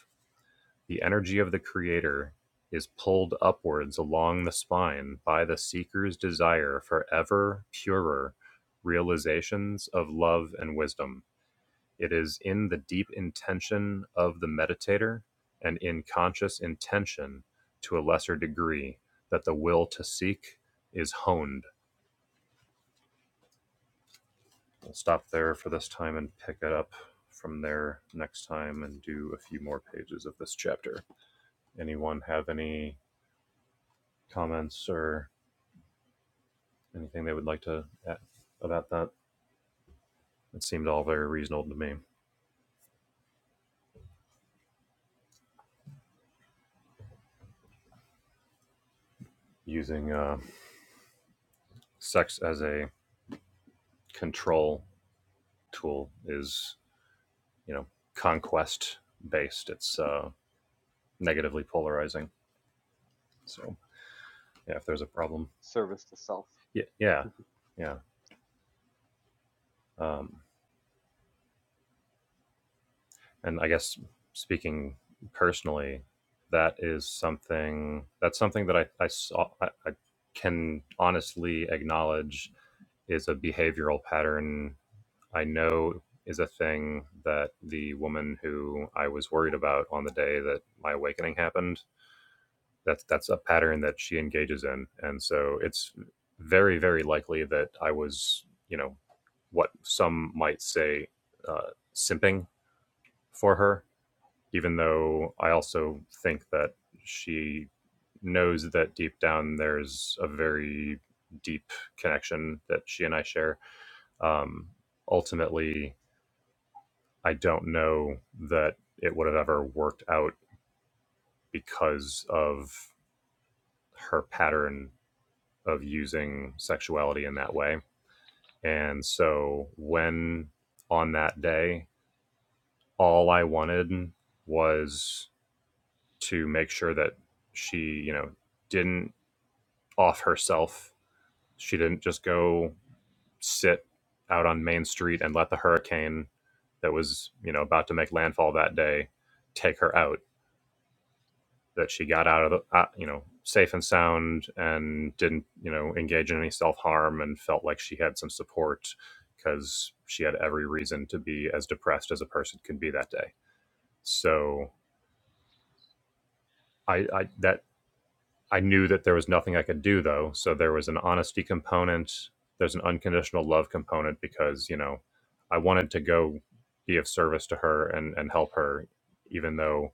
The energy of the creator is pulled upwards along the spine by the seeker's desire for ever purer realizations of love and wisdom. It is in the deep intention of the meditator and in conscious intention to a lesser degree that the will to seek is honed. We'll stop there for this time and pick it up from there next time and do a few more pages of this chapter. Anyone have any comments or Anything they would like to add about that? It seemed all very reasonable to me. Using uh, sex as a control tool is, you know, conquest based. It's uh, negatively polarizing. So yeah, if there's a problem,
Service to self.
yeah, yeah,
[laughs]
yeah. Um, and I guess speaking personally, that is something that's something that I, I saw I, I can honestly acknowledge is a behavioral pattern I know is a thing that the woman who I was worried about on the day that my awakening happened, that's that's a pattern that she engages in. And so it's very, very likely that I was, you know, what some might say uh, simping for her, even though I also think that she knows that deep down there's a very deep connection that she and I share. Um, ultimately, I don't know that it would have ever worked out because of her pattern of using sexuality in that way. And so when on that day, all I wanted was to make sure that she, you know, didn't off herself. She didn't just go sit out on Main Street and let the hurricane that was, you know, about to make landfall that day take her out that she got out of the, uh, you know, safe and sound and didn't, you know, engage in any self harm and felt like she had some support because she had every reason to be as depressed as a person could be that day. So I, I that I knew that there was nothing I could do though. So there was an honesty component, there's an unconditional love component because, you know, I wanted to go be of service to her and, and help her, even though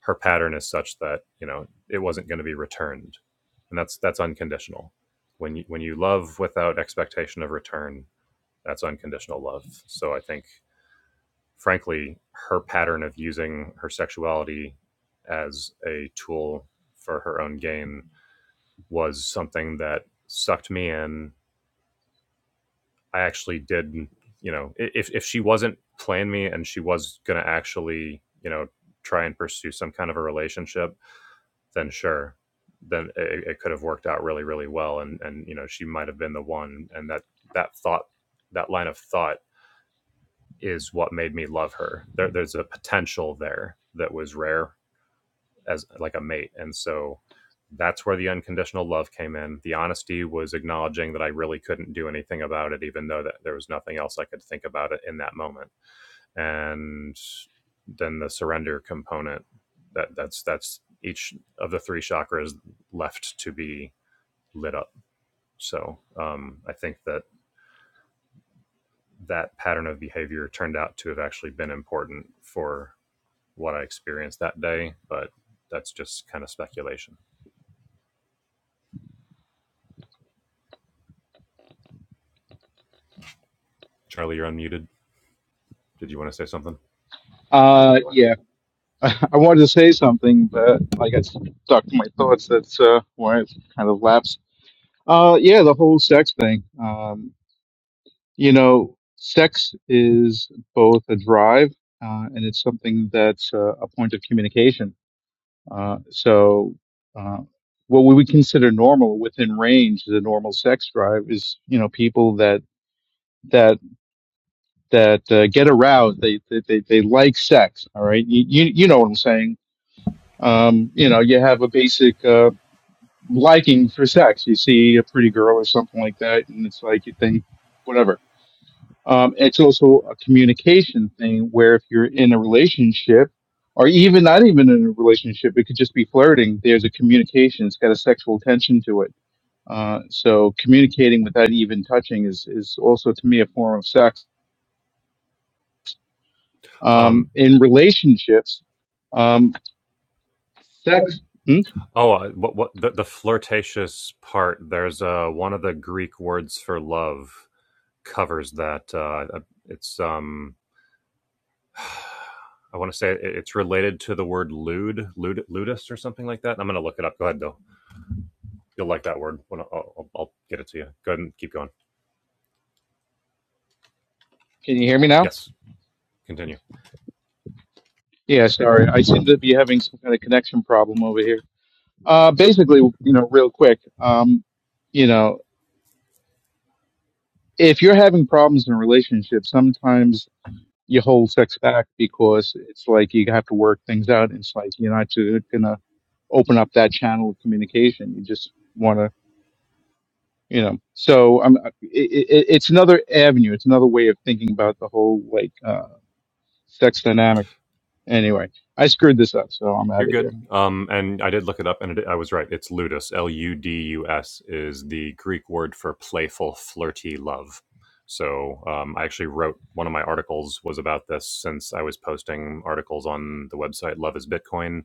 her pattern is such that, you know, it wasn't going to be returned. And that's that's unconditional. When you when you love without expectation of return, that's unconditional love. So I think frankly, her pattern of using her sexuality as a tool for her own gain was something that sucked me in. I actually did, you know, if if she wasn't playing me and she was going to actually, you know, try and pursue some kind of a relationship, then sure, then it, it could have worked out really, really well, and and you know, she might have been the one. And that that thought, that line of thought, is what made me love her. There, there's a potential there that was rare as like a mate. And so that's where the unconditional love came in. The honesty was acknowledging that I really couldn't do anything about it, even though that there was nothing else I could think about it in that moment. And then the surrender component that that's that's each of the three chakras left to be lit up. So um, I think that that pattern of behavior turned out to have actually been important for what I experienced that day, but that's just kind of speculation. Charlie, you're unmuted. Did you want to say something?
Uh, yeah, [laughs] I wanted to say something, but I got stuck in my thoughts. That's uh, why it kind of lapsed. Uh, yeah, the whole sex thing. Um, you know, sex is both a drive, uh, and it's something that's uh, a point of communication Uh, so, uh, what we would consider normal within range of the normal sex drive is, you know, people that that that uh, get aroused. They, they they they like sex. All right, you you, you know what I'm saying. Um, you know, you have a basic uh, liking for sex. You see a pretty girl or something like that, and it's like you think whatever Um, it's also a communication thing where if you're in a relationship, or even not even in a relationship, it could just be flirting. There's a communication. It's got a sexual tension to it. Uh, so communicating without even touching is is also to me a form of sex. Um,
Um,
in relationships, um, sex. Hmm?
oh, uh, what, what the, the flirtatious part? There's uh, one of the Greek words for love covers that. Uh, it's um, [sighs] I want to say it's related to the word lewd, lewd, ludus, or something like that. I'm going to look it up. Go ahead though. You'll like that word. I'll, I'll, I'll get it to you. Go ahead and keep going.
Can you hear me now?
Yes, continue.
Yeah, sorry. I seem to be having some kind of connection problem over here. Uh, basically, you know, real quick. Um, you know, if you're having problems in a relationship, sometimes you hold sex back because it's like you have to work things out. It's like you're not ju- gonna open up that channel of communication. You just want to, you know. So I'm, it, it, it's another avenue. It's another way of thinking about the whole like uh, sex dynamic. Anyway, I screwed this up, so I'm
You're
out of here.
good. Um, and I did look it up, and it, I was right. It's ludus. L U D U S is the Greek word for playful, flirty love. So um, I actually wrote one of my articles was about this since I was posting articles on the website Love Is Bitcoin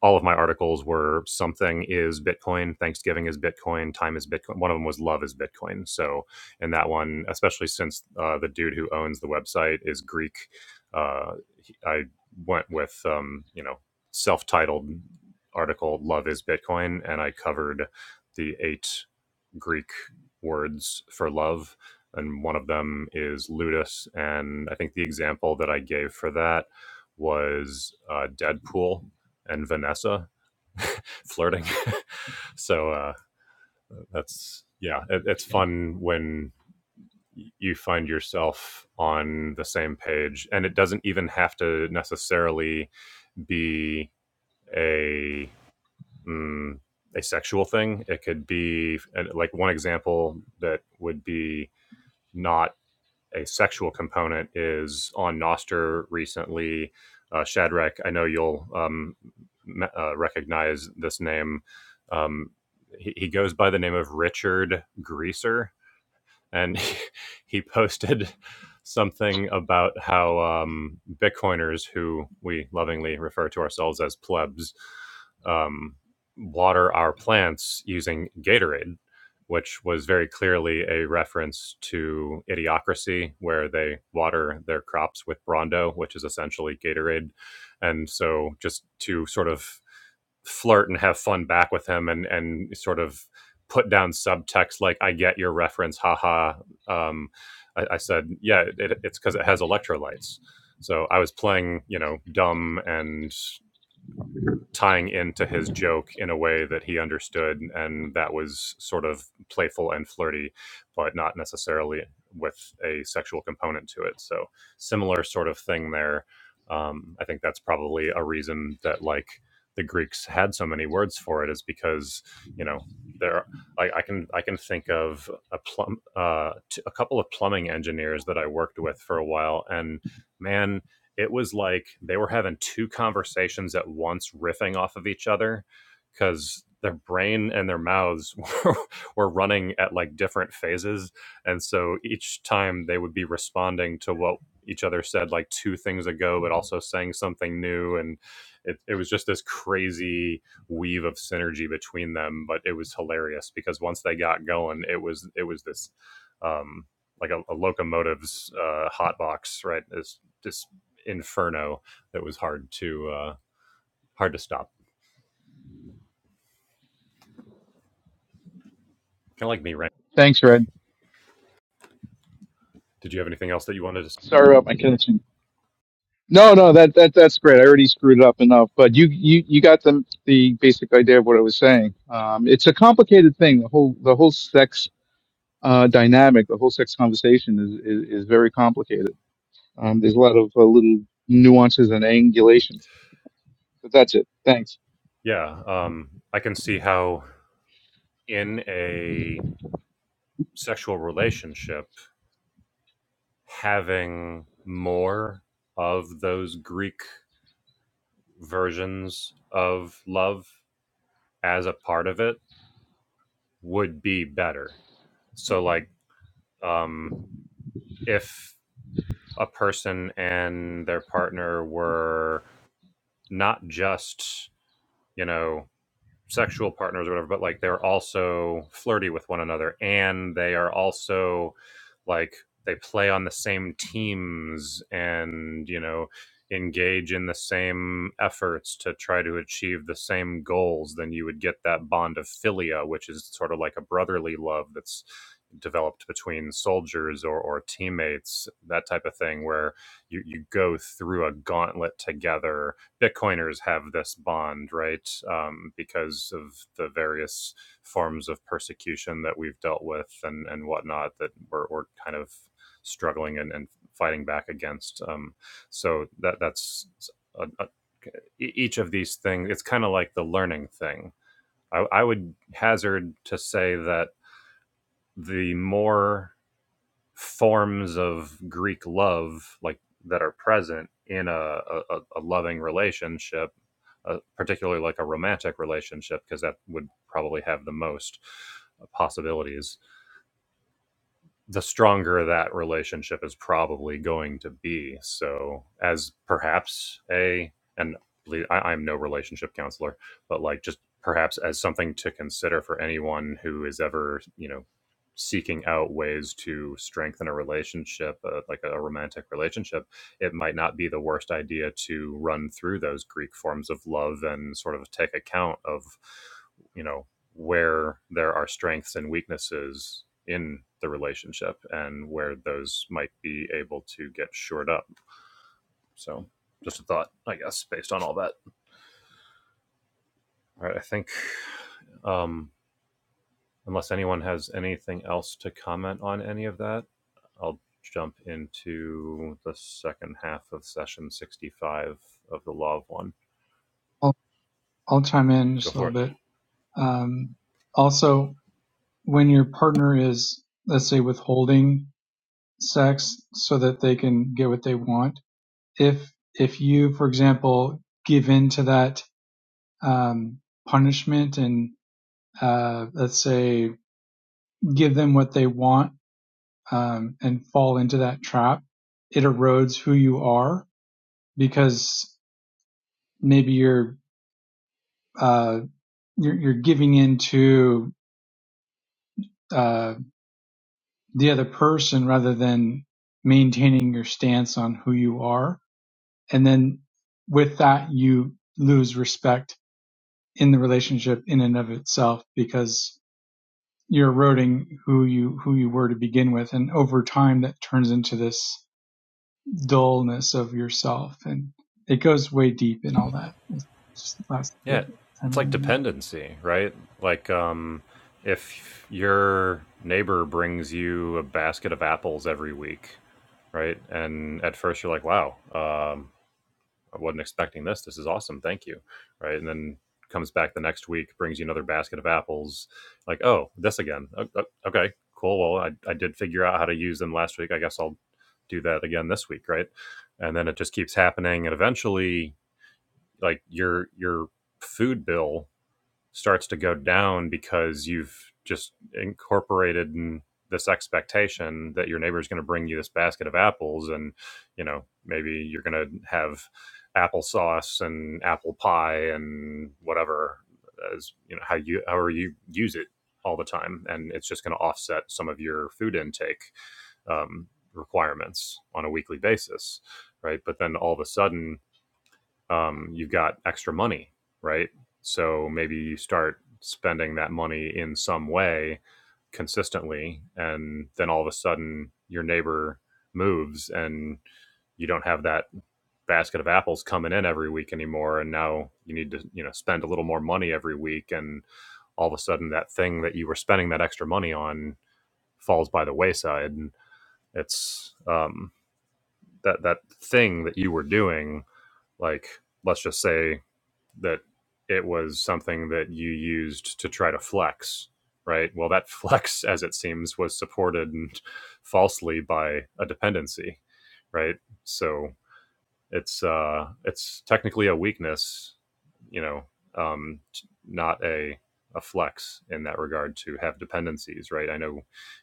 all of my articles were something is Bitcoin, Thanksgiving is Bitcoin, time is Bitcoin. One of them was love is Bitcoin. So, and that one, especially since uh, the dude who owns the website is Greek, uh, I went with, um, you know, self titled article, Love is Bitcoin, and I covered the eight. Greek words for love, and one of them is ludus. And I think the example that I gave for that was uh, Deadpool and Vanessa flirting. [laughs] so uh, that's yeah, it, it's fun when you find yourself on the same page, and it doesn't even have to necessarily be a mm, a sexual thing. It could be like one example that would be not a sexual component is on Noster recently. Uh, Shadrach, I know you'll um, me- uh, recognize this name. Um, he, he goes by the name of Richard Greaser and [laughs] he he posted something about how um, Bitcoiners, who we lovingly refer to ourselves as plebs, um, water our plants using Gatorade, which was very clearly a reference to Idiocracy, where they water their crops with Brando, which is essentially Gatorade. And so, just to sort of flirt and have fun back with him and and sort of put down subtext like I get your reference, haha. Um, I, I said, yeah, it, it's because it has electrolytes. So I was playing, you know, dumb and tying into his joke in a way that he understood and that was sort of playful and flirty but not necessarily with a sexual component to it so similar sort of thing there um, i think that's probably a reason that like the greeks had so many words for it is because you know there I, I can I can think of a plum uh, t- a couple of plumbing engineers that I worked with for a while, and man it was like they were having two conversations at once riffing off of each other because their brain and their mouths [laughs] were, were running at like different phases and so each time they would be responding to what each other said like two things ago but also saying something new and it, it was just this crazy weave of synergy between them but it was hilarious because once they got going it was it was this um like a, a locomotive's uh hot box right it's just inferno that was hard to uh, hard to stop. Kind of like me, right?
Thanks, Red.
Did you have anything else that you wanted to? s-
Sorry about my connection. No, no, that that that's great. I already screwed up enough, but you you you got the the basic idea of what I was saying. Um, it's a complicated thing. The whole the whole sex uh, dynamic, the whole sex conversation is is, is very complicated. Um, there's a lot of uh, little nuances and angulations. But that's it. Thanks.
Yeah, um, I can see how in a sexual relationship, having more of those Greek versions of love as a part of it would be better. So, like, um, if a person and their partner were not just, you know, sexual partners or whatever, but like they're also flirty with one another and they are also like they play on the same teams and you know engage in the same efforts to try to achieve the same goals then you would get that bond of filia which is sort of like a brotherly love that's developed between soldiers or, or teammates that type of thing where you, you go through a gauntlet together Bitcoiners have this bond, right? Um, because of the various forms of persecution that we've dealt with and, and whatnot that we're, we're kind of struggling and, and fighting back against. Um, so that that's a, a, e- each of these things. It's kind of like the learning thing. I, I would hazard to say that the more forms of Greek love, like that are present in a, a, a loving relationship, uh, particularly like a romantic relationship, because that would probably have the most uh, possibilities the stronger that relationship is probably going to be. So, as perhaps a, and ble- I, I'm no relationship counselor, but like just perhaps as something to consider for anyone who is ever, you know, seeking out ways to strengthen a relationship, uh, like a romantic relationship, it might not be the worst idea to run through those Greek forms of love and sort of take account of, you know, where there are strengths and weaknesses in the relationship and where those might be able to get shored up. So, just a thought, I guess, based on all that. All right, I think um, unless anyone has anything else to comment on any of that, I'll jump into the second half of session 65 of the Law of One.
I'll, I'll chime in
Go
just a
for it.
little bit. Um, also, when your partner is, let's say, withholding sex so that they can get what they want, if if you, for example, give in to that um, punishment and uh, let's say give them what they want um, and fall into that trap, it erodes who you are because maybe you're uh, you're, you're giving into uh, the other person rather than maintaining your stance on who you are, and then with that you lose respect in the relationship in and of itself because you're eroding who you who you were to begin with, and over time that turns into this dullness of yourself, and it goes way deep and all that. It's just the last bit
Yeah,
time
it's like
in there.
dependency, right? Like um if your neighbor brings you a basket of apples every week, right? And at first you're like, "Wow, um I wasn't expecting this. This is awesome. Thank you." Right? And then comes back the next week, brings you another basket of apples. Like, "Oh, this again. O- o- Okay, cool. Well, I I did figure out how to use them last week. I guess I'll do that again this week, right?" And then it just keeps happening and eventually like your your food bill starts to go down because you've just incorporated in this expectation that your neighbor is going to bring you this basket of apples and you know maybe you're going to have applesauce and apple pie and whatever as you know how you however you use it all the time and it's just going to offset some of your food intake um, requirements on a weekly basis right but then all of a sudden um, you've got extra money, right? So maybe you start spending that money in some way consistently, and then all of a sudden your neighbor moves and you don't have that basket of apples coming in every week anymore and now you need to you know spend a little more money every week and all of a sudden that thing that you were spending that extra money on falls by the wayside and it's um that that thing that you were doing like let's just say that it was something that you used to try to flex, right? Well, that [laughs] flex, as it seems, was supported and falsely by a dependency, right? So it's uh, it's technically a weakness, you know, um, not a a flex in that regard to have dependencies, right? I know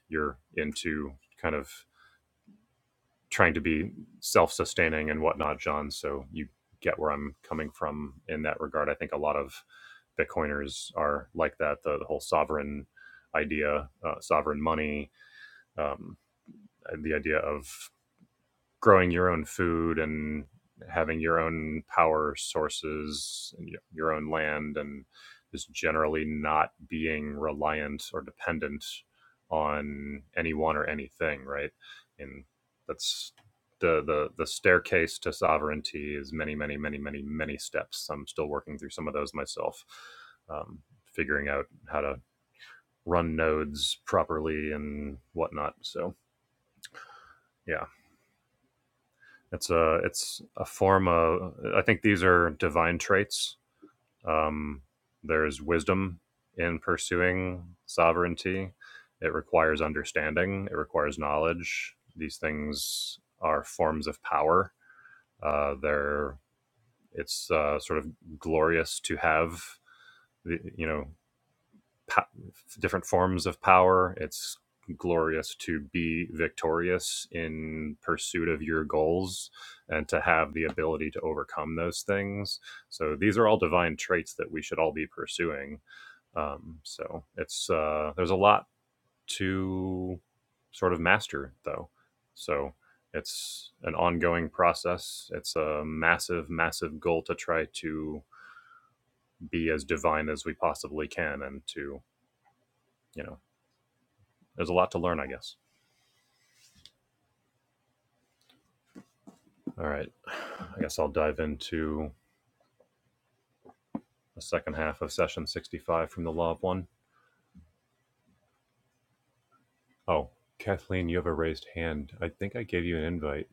you're into kind of trying to be self-sustaining and whatnot, John. So you get where I'm coming from in that regard. I think a lot of Bitcoiners are like that. The, the whole sovereign idea, uh, sovereign money, um, the idea of growing your own food and having your own power sources and your own land and just generally not being reliant or dependent on anyone or anything right and that's the the the staircase to sovereignty is many many many many many steps i'm still working through some of those myself um, figuring out how to run nodes properly and whatnot so yeah It's a it's a form of. I think these are divine traits. Um, there's wisdom in pursuing sovereignty. It requires understanding. It requires knowledge. These things are forms of power. Uh, they're it's uh, sort of glorious to have. the- You know, pa- different forms of power. It's glorious to be victorious in pursuit of your goals and to have the ability to overcome those things. So these are all divine traits that we should all be pursuing. Um, so it's uh, there's a lot to sort of master though. So it's an ongoing process. It's a massive, massive goal to try to be as divine as we possibly can and to you know there's a lot to learn, I guess. All right. I guess I'll dive into the second half of session 65 from the Law of One. Oh, Kathleen, you have a raised hand. I think I gave you an invite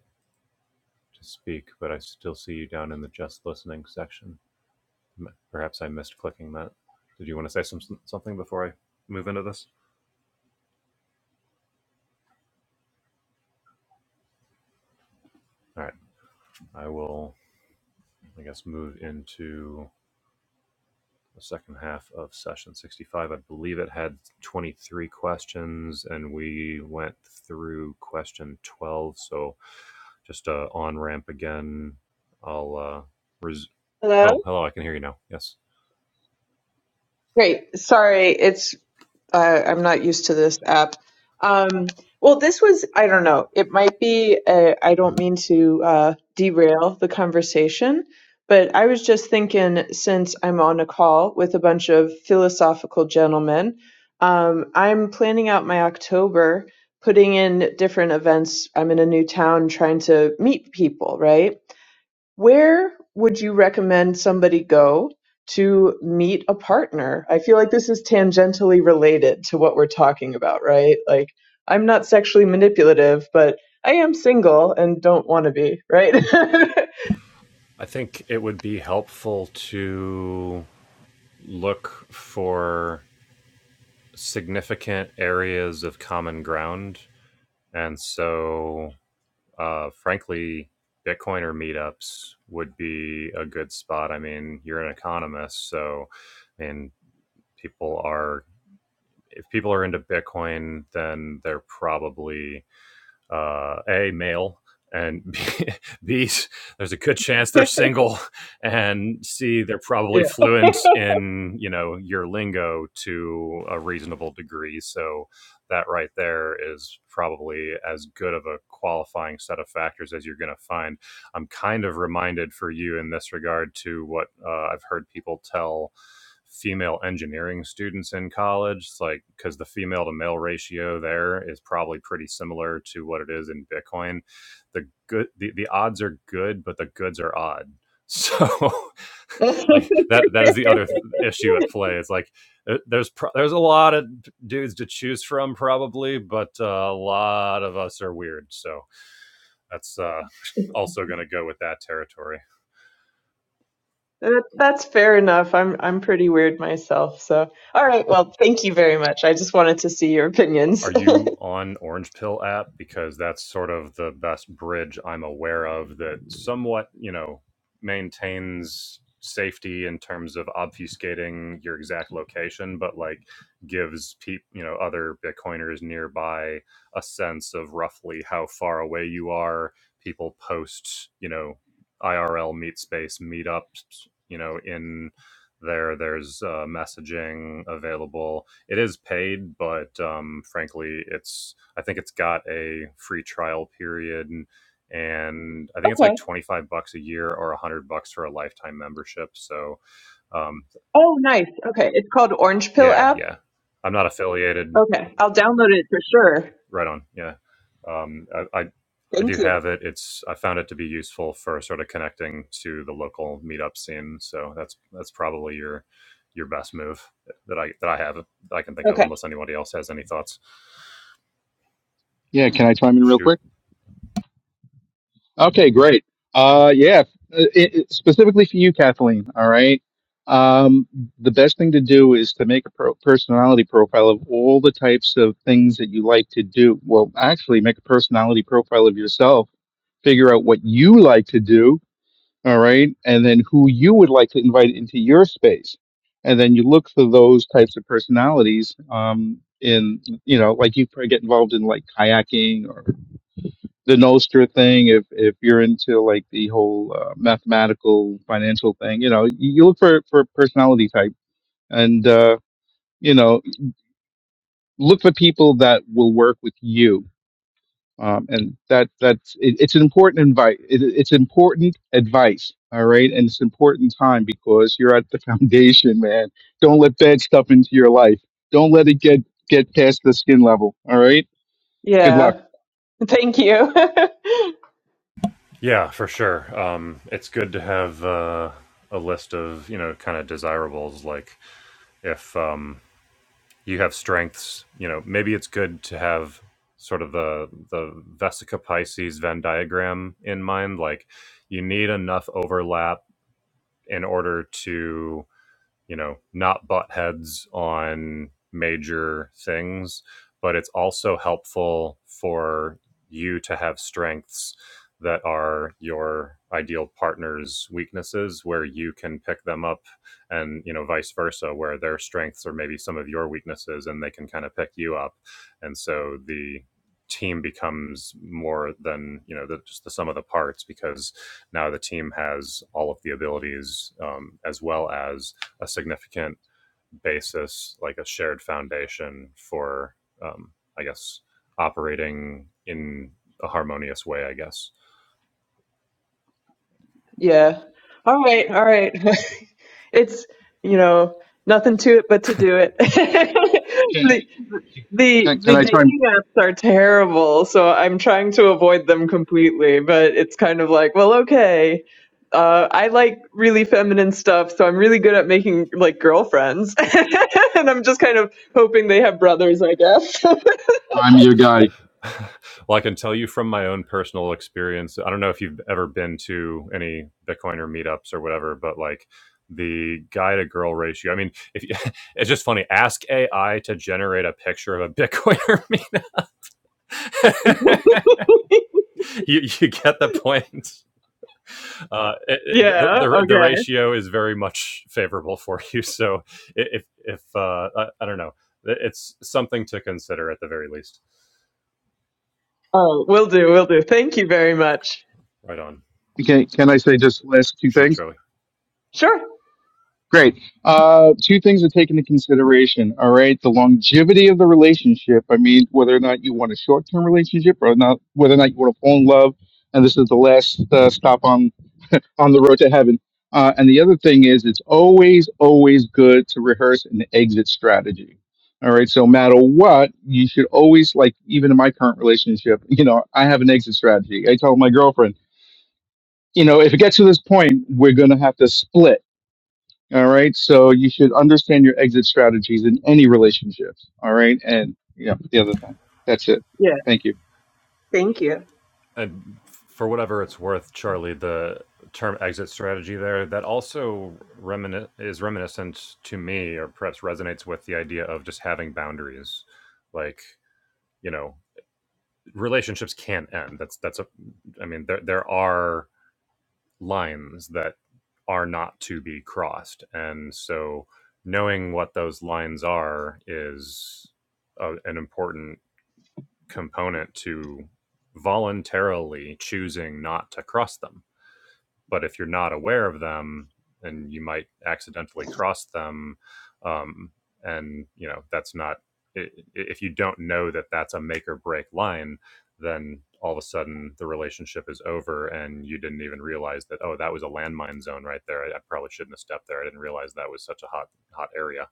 to speak, but I still see you down in the just listening section. Perhaps I missed clicking that. Did you want to say some, something before I move into this? All right. I will, I guess, move into the second half of session 65. I believe it had 23 questions and we went through question 12. So just uh, on ramp again. I'll. Uh, res-
Hello?
oh, hello. I can hear you now. Yes.
Great. Sorry, it's uh, I'm not used to this app. Um, well, this was I don't know. It might be I I don't mean to uh, derail the conversation, but I was just thinking since I'm on a call with a bunch of philosophical gentlemen, um, I'm planning out my October, putting in different events. I'm in a new town trying to meet people, right? Where would you recommend somebody go to meet a partner? I feel like this is tangentially related to what we're talking about, right? Like, I'm not sexually manipulative, but I am single and don't want to be, right? [laughs]
I think it would be helpful to look for significant areas of common ground. And so uh, frankly, Bitcoiner meetups would be a good spot. I mean, you're an economist, so I mean, people are if people are into Bitcoin, then they're probably uh, a male and b, [laughs] b there's a good chance they're single and c they're
yeah.
probably fluent in you know your lingo to a reasonable degree so that right there is probably as good of a qualifying set of factors as you're going to find I'm kind of reminded for you in this regard to what uh, I've heard people tell female engineering students in college It's like because the female to male ratio there is probably pretty similar to what it is in bitcoin the good the, the odds are good but the goods are odd so [laughs]
[laughs]
like that that is the other th- issue at play is like there- there's pro- there's a lot of dudes to choose from probably but uh, a lot of us are weird so that's uh, [laughs] also going to go with that territory.
That- That's fair enough. I'm I'm pretty weird myself, so. All right, well, thank you very much. I just wanted to see your opinions.
Are
[laughs]
you on Orange Pill app? Because that's sort of the best bridge I'm aware of that somewhat, you know, maintains safety in terms of obfuscating your exact location, but like gives people, you know, other Bitcoiners nearby a sense of roughly how far away you are. People post, you know, IRL meet space meetups, you know, in there. There's uh, messaging available it is paid, but um, frankly, it's I think it's got a free trial period, and, and I think it's
Okay.
like twenty five bucks a year or a hundred bucks for a lifetime membership. So um,
Oh, nice. Okay. It's called Orange Pill
yeah,
app.
yeah, I'm not affiliated.
Okay. I'll download it for sure.
Right on. Yeah, um, I, I I do
Thank you.
have it. It's I found it to be useful for sort of connecting to the local meetup scene. So that's that's probably your your best move that I that I have that I can think of,
Okay.
unless anybody else has any thoughts.
Yeah, can I chime in real
Shoot.
quick? Okay, great. Uh, yeah, it, it, specifically for you, Kathleen. All right. Um, the best thing to do is to make a pro- personality profile of all the types of things that you like to do. Well, actually, make a personality profile of yourself. Figure out what you like to do. All right, and then who you would like to invite into your space, and then you look for those types of personalities. Um, in you know, like you probably get involved in like kayaking the Nostra thing, if if you're into like the whole uh, mathematical financial thing, you know, you you look for for personality type, and uh, you know, look for people that will work with you. Um, and that that's it, it's an important invite. It, it's important advice. All right, and it's important time because you're at the [laughs] foundation, man. Don't let bad stuff into your life. Don't let it get get past the skin level. All right. Good luck.
Yeah. Thank you.
Yeah, for sure. Um, it's good to have uh, a list of you know kind of desirables. Like if um, you have strengths, you know maybe it's good to have sort of the the Vesica Pisces Venn diagram in mind. Like you need enough overlap in order to you know, not butt heads on major things, but it's also helpful for you to have strengths that are your ideal partner's weaknesses where you can pick them up and you know vice versa where their strengths are maybe some of your weaknesses and they can kind of pick you up and so the team becomes more than you know the, just the sum of the parts because now the team has all of the abilities um, as well as a significant basis, like a shared foundation for, um, I guess, operating in a harmonious way, I guess.
[laughs] yeah. All right. All right. [laughs] it's, you know, nothing to it but to do
Can
it. [laughs] The
can, can
the
I try?
dating apps are terrible, so I'm trying to avoid them completely, but it's kind of like, well, okay. Uh, I like really feminine stuff, so I'm really good at making like girlfriends. [laughs] And I'm just kind of hoping they have brothers, I guess. [laughs]
I'm your guy.
[laughs] well, I can tell you from my own personal experience. I don't know if you've ever been to any Bitcoiner meetups or whatever, but like the guy to girl ratio. I mean, if you, [laughs] it's just funny. Ask AI to generate a picture of a Bitcoiner meme. [laughs] you you get the point. uh, it, the,
Yeah,
the the
okay.
ratio is very much favorable for you. [laughs] So if if uh, I, I don't know, it's something to consider at the very least.
Oh, will do, will do. Thank you very much.
Right on.
Can, can I say just last two
Shoot,
things?
Charlie.
Sure.
Great. Uh, two things to take into consideration. All right. The longevity of the relationship. I mean, whether or not you want a short term relationship or not, whether or not you want to fall in love. And this is the last uh, stop on, on the road to heaven. Uh, and the other thing is, it's always, always good to rehearse an exit strategy. All right. So, no matter what, you should always, like, even in my current relationship, you know, I have an exit strategy. I tell my girlfriend, you know, if it gets to this point, we're going to have to split All right. So you should understand your exit strategies in any relationships. All right. And yeah, the other thing. That's it.
Yeah,
Thank you.
thank you.
And for whatever it's worth, Charlie, the term exit strategy there that also remini- is reminiscent to me, or perhaps resonates with the idea of just having boundaries, like you know relationships can't end that's that's a i mean there there are lines that are not to be crossed. And so knowing what those lines are is a, an important component to voluntarily choosing not to cross them but if you're not aware of them and you might accidentally cross them um, and you know that's not if you don't know that that's a make or break line then all of a sudden the relationship is over and you didn't even realize that oh that was a landmine zone right there i, I probably shouldn't have stepped there i didn't realize that was such a hot hot area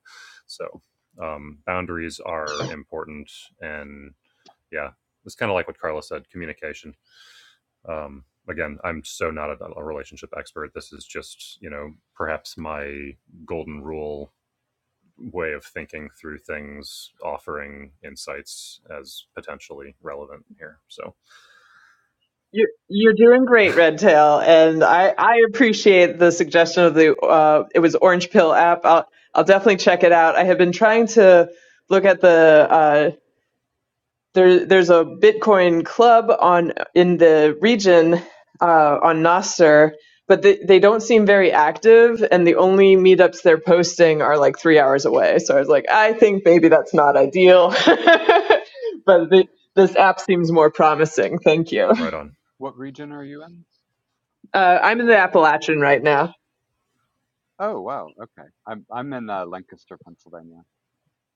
so um, boundaries are important and yeah it's kind of like what carla said communication um, again i'm so not a, a relationship expert this is just you know perhaps my golden rule way of thinking through things offering insights as potentially relevant here so
You're, you're doing great, Redtail, and I, I appreciate the suggestion of the uh, it was Orange Pill app. I'll I'll definitely check it out. I have been trying to look at the uh, there there's a Bitcoin club on in the region uh, on Nostr, but they, they don't seem very active, and the only meetups they're posting are like three hours away. So I was like, I think maybe that's not ideal, [laughs] but the, this app seems more promising. Thank you.
right on
What region are you in?
Uh, I'm in the Appalachian right now.
Oh wow, okay. I'm I'm in uh, Lancaster, Pennsylvania.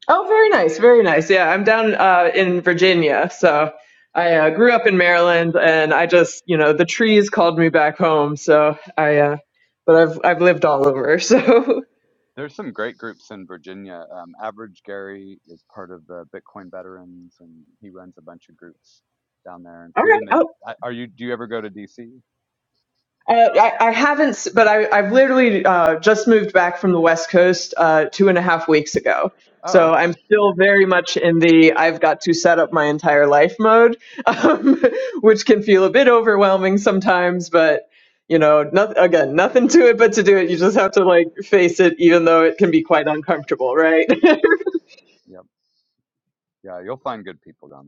Oh, very nice, very nice. Yeah, I'm down uh, in Virginia. So I uh, grew up in Maryland, and I just, you know, the trees called me back home. So I, uh, but I've I've lived all over. [laughs] So
There's some great groups in Virginia. Um, Average Gary is part of the Bitcoin Veterans, and he runs a bunch of groups down there,
all
including the.
right,
I- Are you? Do you ever go to DC?
Uh, I, I haven't, but I, I've literally uh, just moved back from the West Coast uh, two and a half weeks ago.
Oh,
So
okay,
I'm still
cool, cool.
very much in the I've got to set up my entire life mode, [laughs] um, which can feel a bit overwhelming sometimes. But you know, nothing again, nothing to it but to do it. You just have to like face it, even though it can be quite uncomfortable, right? [laughs]
Yep, yeah, you'll find good people down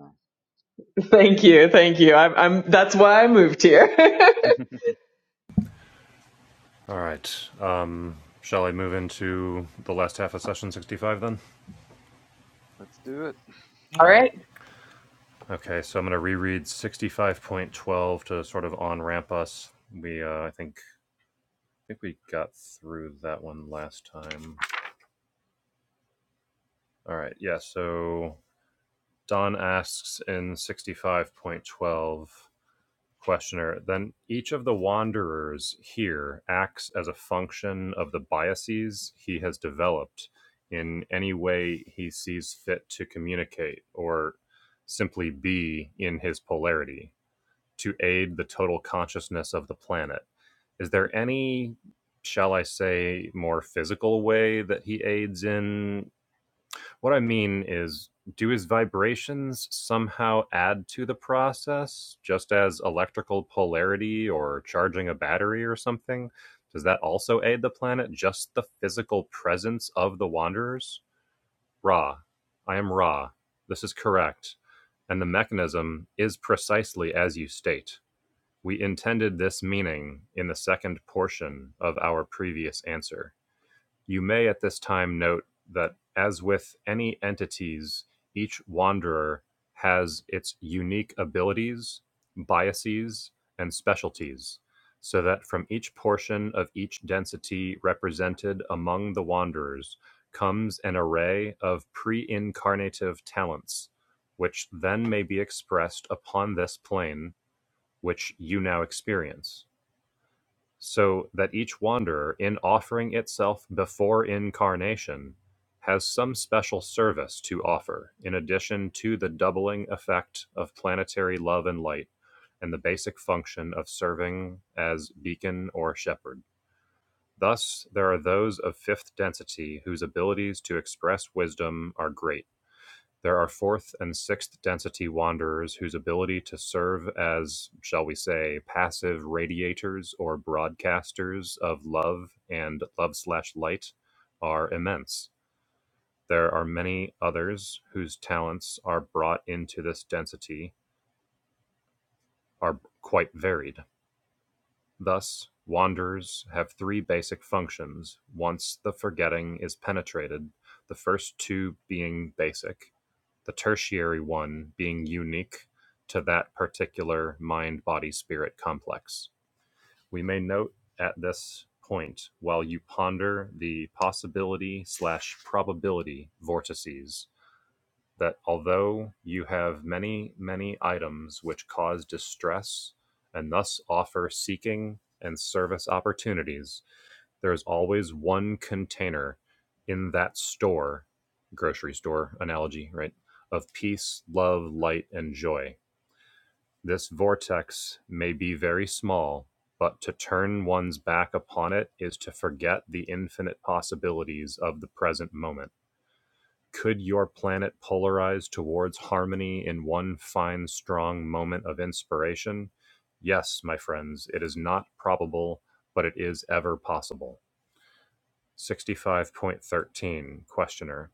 thank you, thank you. I'm, I'm that's why I moved here. [laughs]
there.
all right um, shall i move into the last half of session 65 then
[laughs] Let's do it.
All
all right
right.
okay so i'm going to reread 65.12 to sort of on ramp us we uh, i think i think we got through that one last time all right yeah so Don asks in 65.12 questioner, then each of the wanderers here acts as a function of the biases he has developed in any way he sees fit to communicate or simply be in his polarity to aid the total consciousness of the planet. Is there any, shall I say, more physical way that he aids in what I mean is, do his vibrations somehow add to the process, just as electrical polarity or charging a battery or something? Does that also aid the planet, just the physical presence of the Wanderers? Ra. I am Ra. This is correct. And the mechanism is precisely as you state. We intended this meaning in the second portion of our previous answer. You may at this time note that, as with any entities, each Wanderer has its unique abilities, biases, and specialties, so that from each portion of each density represented among the Wanderers comes an array of pre incarnative talents, which then may be expressed upon this plane, which you now experience so that each wanderer, in offering itself before incarnation, has some special service to offer, in addition to the doubling effect of planetary love and light, and the basic function of serving as beacon or shepherd. Thus, there are those of fifth density whose abilities to express wisdom are great there are fourth and sixth density wanderers whose ability to serve as, shall we say, passive radiators or broadcasters of love and love slash light are immense. There are many others whose talents are brought into this density are quite varied. Thus, wanders have three basic functions once the forgetting is penetrated, the first two being basic, the tertiary one being unique to that particular mind-body-spirit complex. We may note at this point, while you ponder the possibility slash probability vortices that although you have many, many items which cause distress and thus offer seeking and service opportunities, there is always one container in that store, grocery store analogy, right? Of peace, love, light, and joy. This vortex may be very small, but to turn one's back upon it is to forget the infinite possibilities of the present moment could your planet polarize towards harmony in one fine, strong moment of inspiration? Yes, my friends, it is not probable, but it is ever possible. 65.13 Questioner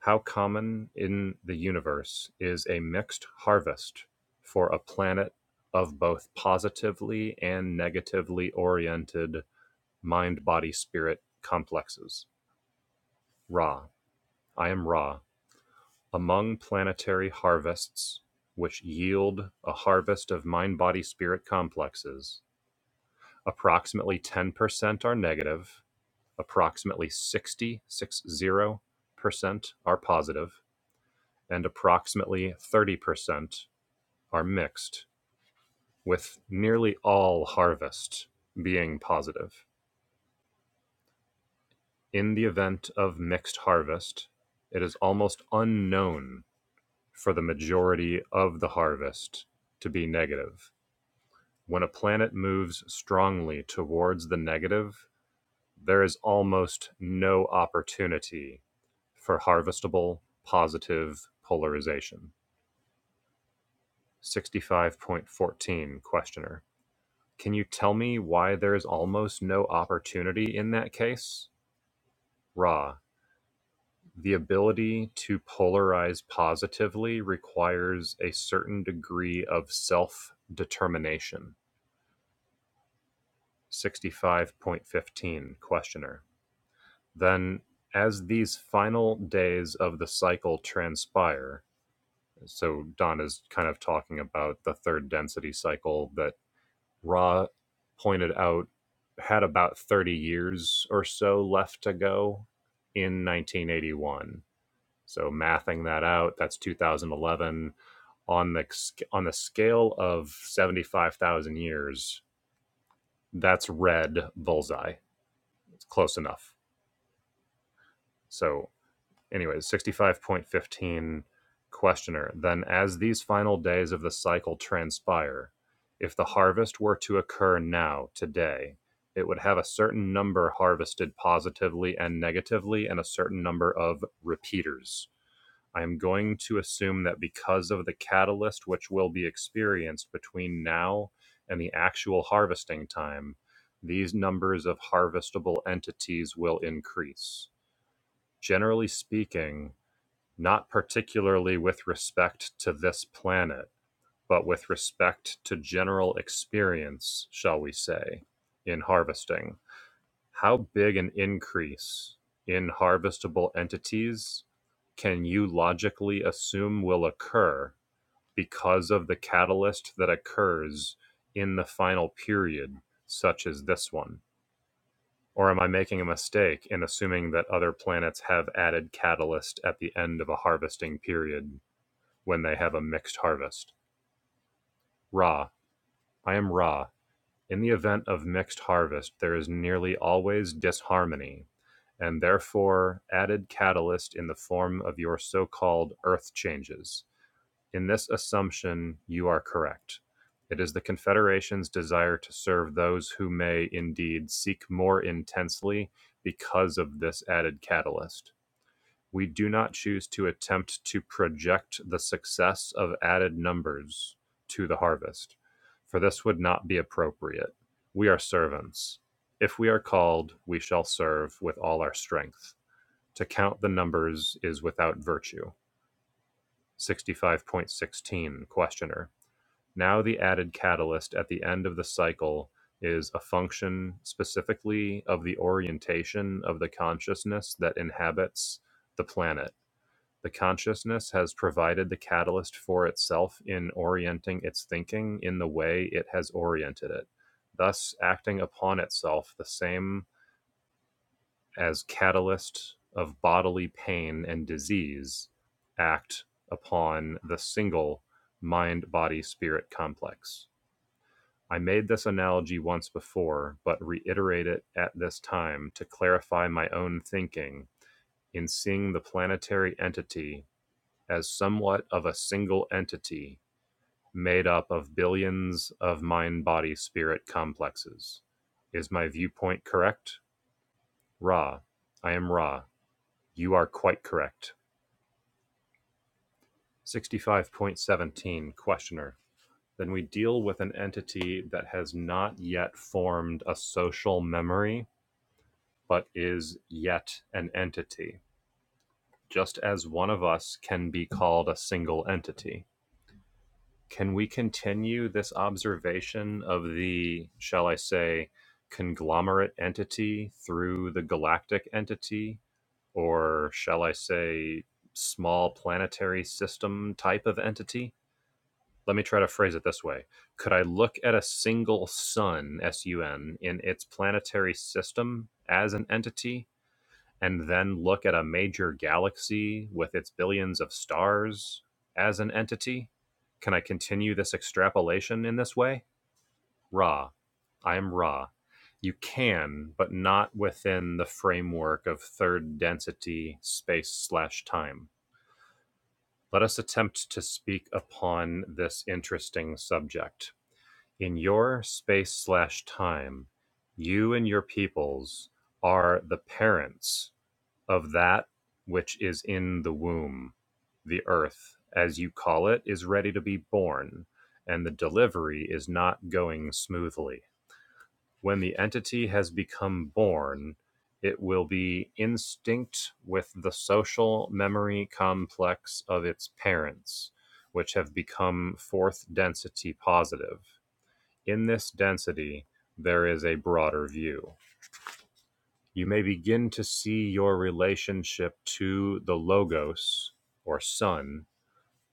How common in the universe is a mixed harvest for a planet of both positively and negatively oriented mind body spirit complexes? Ra. I am Ra Among planetary harvests, which yield a harvest of mind-body-spirit complexes, approximately 10% are negative, approximately 60 percent are positive, and approximately 30% are mixed, with nearly all harvest being positive. In the event of mixed harvest, it is almost unknown for the majority of the harvest to be negative When a planet moves strongly towards the negative, there is almost no opportunity for harvestable positive polarization. 65.14 Questioner. Can you tell me why there is almost no opportunity in that case? Ra. The ability to polarize positively requires a certain degree of self determination. 65.15 Questioner Then, as these final days of the cycle transpire, so Don is kind of talking about the third density cycle that Ra pointed out had about 30 years or so left to go in 1981. So mathing that out, that's 2011 on the on the scale of 75,000 years. That's red bullseye. It's close enough. So anyways, 65.15 questioner. Then, as these final days of the cycle transpire, if the harvest were to occur now, today, it would have a certain number harvested positively and negatively and a certain number of repeaters. I am going to assume that because of the catalyst which will be experienced between now and the actual harvesting time, these numbers of harvestable entities will increase. Generally speaking, not particularly with respect to this planet, but with respect to general experience, shall we say, in harvesting. How big an increase in harvestable entities can you logically assume will occur because of the catalyst that occurs in the final period, such as this one? Or am I making a mistake in assuming that other planets have added catalyst at the end of a harvesting period when they have a mixed harvest. Ra, I am Ra. In the event of mixed harvest, there is nearly always disharmony, and therefore added catalyst in the form of your so called earth changes. In this assumption, you are correct. It is the Confederation's desire to serve those who may indeed seek more intensely because of this added catalyst We do not choose to attempt to project the success of added numbers to the harvest, for this would not be appropriate. We are servants. If we are called, we shall serve with all our strength. To count the numbers is without virtue. 65.16 Questioner. Now the added catalyst at the end of the cycle is a function specifically of the orientation of the consciousness that inhabits the planet the consciousness has provided the catalyst for itself in orienting its thinking in the way it has oriented it, thus acting upon itself the same as catalyst of bodily pain and disease act upon the single mind body spirit complex. I made this analogy once before, but reiterate it at this time to clarify my own thinking in seeing the planetary entity as somewhat of a single entity made up of billions of mind body spirit complexes. Is my viewpoint correct? Ra. I am Ra. You are quite correct. 65.17 Questioner. Then we deal with an entity that has not yet formed a social memory, but is yet an entity, just as one of us can be called a single entity Can we continue this observation of the, shall I say, conglomerate entity through the galactic entity, or shall I say, small planetary system type of entity? Let me try to phrase it this way Could I look at a single sun, S U N, in its planetary system as an entity? and then look at a major galaxy with its billions of stars as an entity? Can I continue this extrapolation in this way? Ra. I am Ra. You can, but not within the framework of third density space slash time. Let us attempt to speak upon this interesting subject. In your space slash time, you and your peoples are the parents of that which is in the womb. The earth, as you call it, is ready to be born, and the delivery is not going smoothly. When the entity has become born, it will be instinct with the social memory complex of its parents, which have become fourth density positive. In this density, there is a broader view you may begin to see your relationship to the Logos or Son,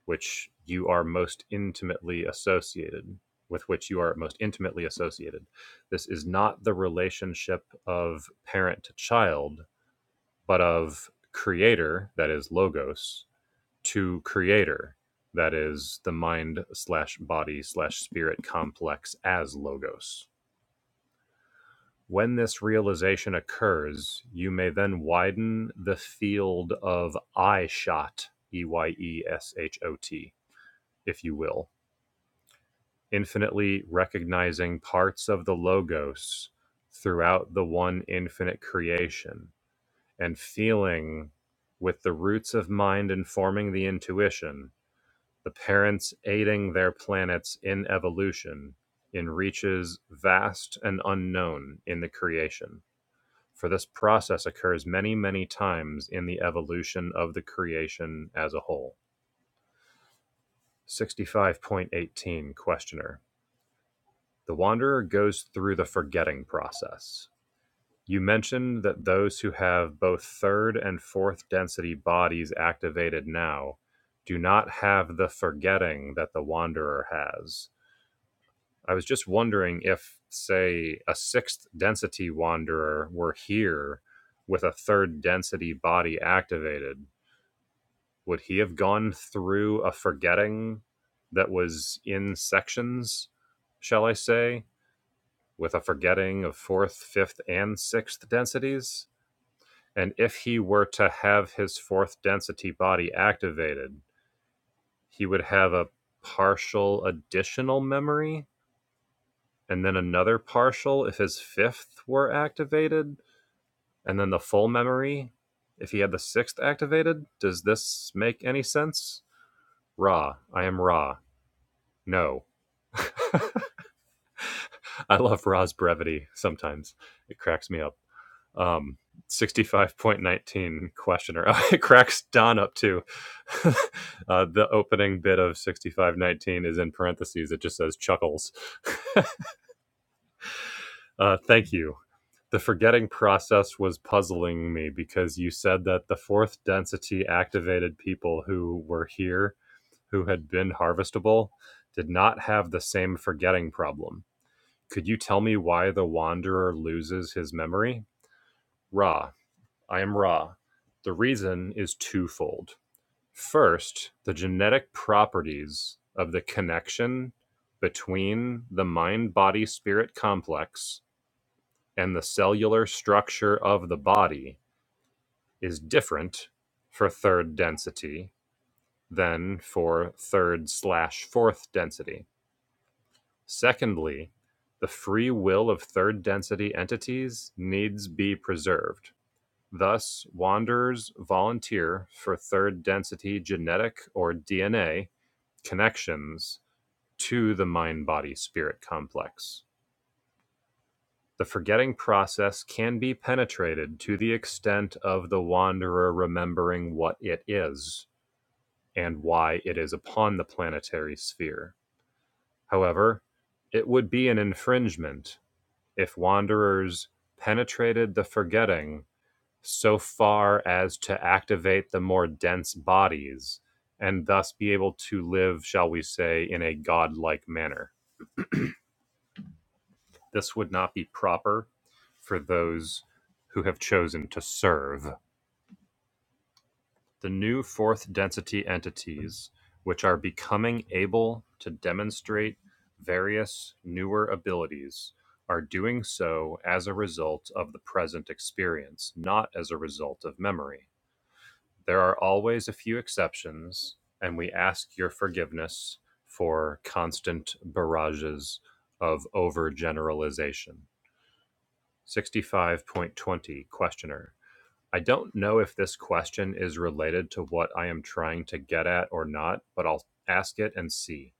which you are most intimately associated with, which you are most intimately associated. This is not the relationship of parent to child, but of Creator, that is Logos, to Creator, that is the mind slash body slash spirit complex as Logos when this realization occurs, you may then widen the field of eyeshot, E Y E S H O T, if you will, infinitely recognizing parts of the Logos throughout the one infinite creation and feeling with the roots of mind informing the intuition, the parents aiding their planets in evolution in reaches vast and unknown in the creation For this process occurs many, many times in the evolution of the creation as a whole. 65.18 Questioner. The wanderer goes through the forgetting process. You mentioned that those who have both third and fourth density bodies activated now do not have the forgetting that the wanderer has. I was just wondering if, say, a sixth density wanderer were here with a third density body activated, would he have gone through a forgetting that was in sections, shall I say, with a forgetting of fourth, fifth, and sixth densities? And if he were to have his fourth density body activated, he would have a partial additional memory, and then another partial if his fifth were activated, and then the full memory if he had the sixth activated. Does this make any sense? Ra, I am Ra. No, [laughs] I love Ra's brevity sometimes. It cracks me up. Um, 65.19 questioner. Oh, [laughs] it cracks Don up too. [laughs] uh, the opening bit of 65.19 is in parentheses. It just says chuckles. [laughs] Uh, thank you. The forgetting process was puzzling me because you said that the fourth density activated people who were here, who had been harvestable, did not have the same forgetting problem. Could you tell me why the wanderer loses his memory? Ra, I am Ra. The reason is twofold. First, the genetic properties of the connection between the mind body spirit complex and the cellular structure of the body is different for third density than for third slash fourth density Secondly, the free will of third density entities needs be preserved. Thus, wanderers volunteer for third density genetic or DNA connections to the mind body spirit complex. The forgetting process can be penetrated to the extent of the wanderer remembering what it is and why it is upon the planetary sphere. However, it would be an infringement if wanderers penetrated the forgetting so far as to activate the more dense bodies and thus be able to live, shall we say, in a godlike manner. This would not be proper for those who have chosen to serve. The new fourth density entities which are becoming able to demonstrate various newer abilities are doing so as a result of the present experience, not as a result of memory. There are always a few exceptions, and we ask your forgiveness for constant barrages of overgeneralization. 65.20 Questioner I don't know if this question is related to what I am trying to get at or not, but I'll ask it and see.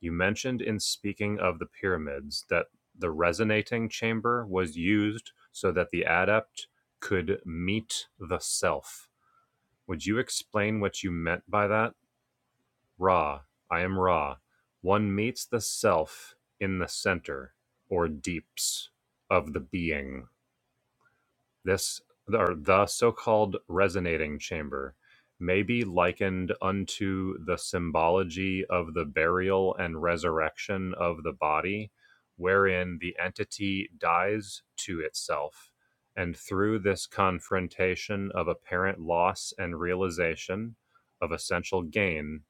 You mentioned in speaking of the pyramids that the resonating chamber was used so that the adept could meet the self. Would you explain what you meant by that? Ra, I am Ra. One meets the self in the center or deeps of the being. This or the so-called resonating chamber may be likened unto the symbology of the burial and resurrection of the body, wherein the entity dies to itself, and through this confrontation of apparent loss and realization of essential gain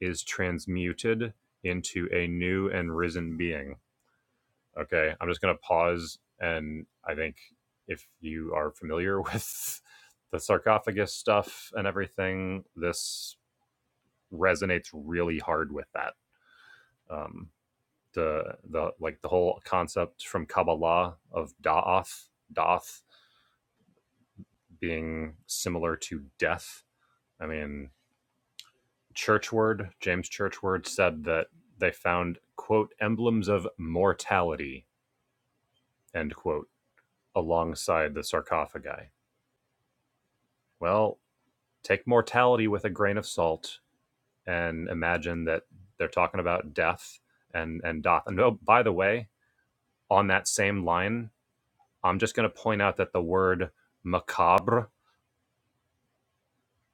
is transmuted into a new and risen being. Okay, I'm just going to pause. And I think if you are familiar [laughs] with the sarcophagus stuff and everything, this resonates really hard with that. Um, the the like the whole concept from Kabbalah of Da'ath, daath being similar to death. I mean, Churchward, James Churchward said that they found quote emblems of mortality end quote alongside the sarcophagi. Well, take mortality with a grain of salt and imagine that they're talking about death and and doth. And oh, by the way, on that same line, I'm just going to point out that the word macabre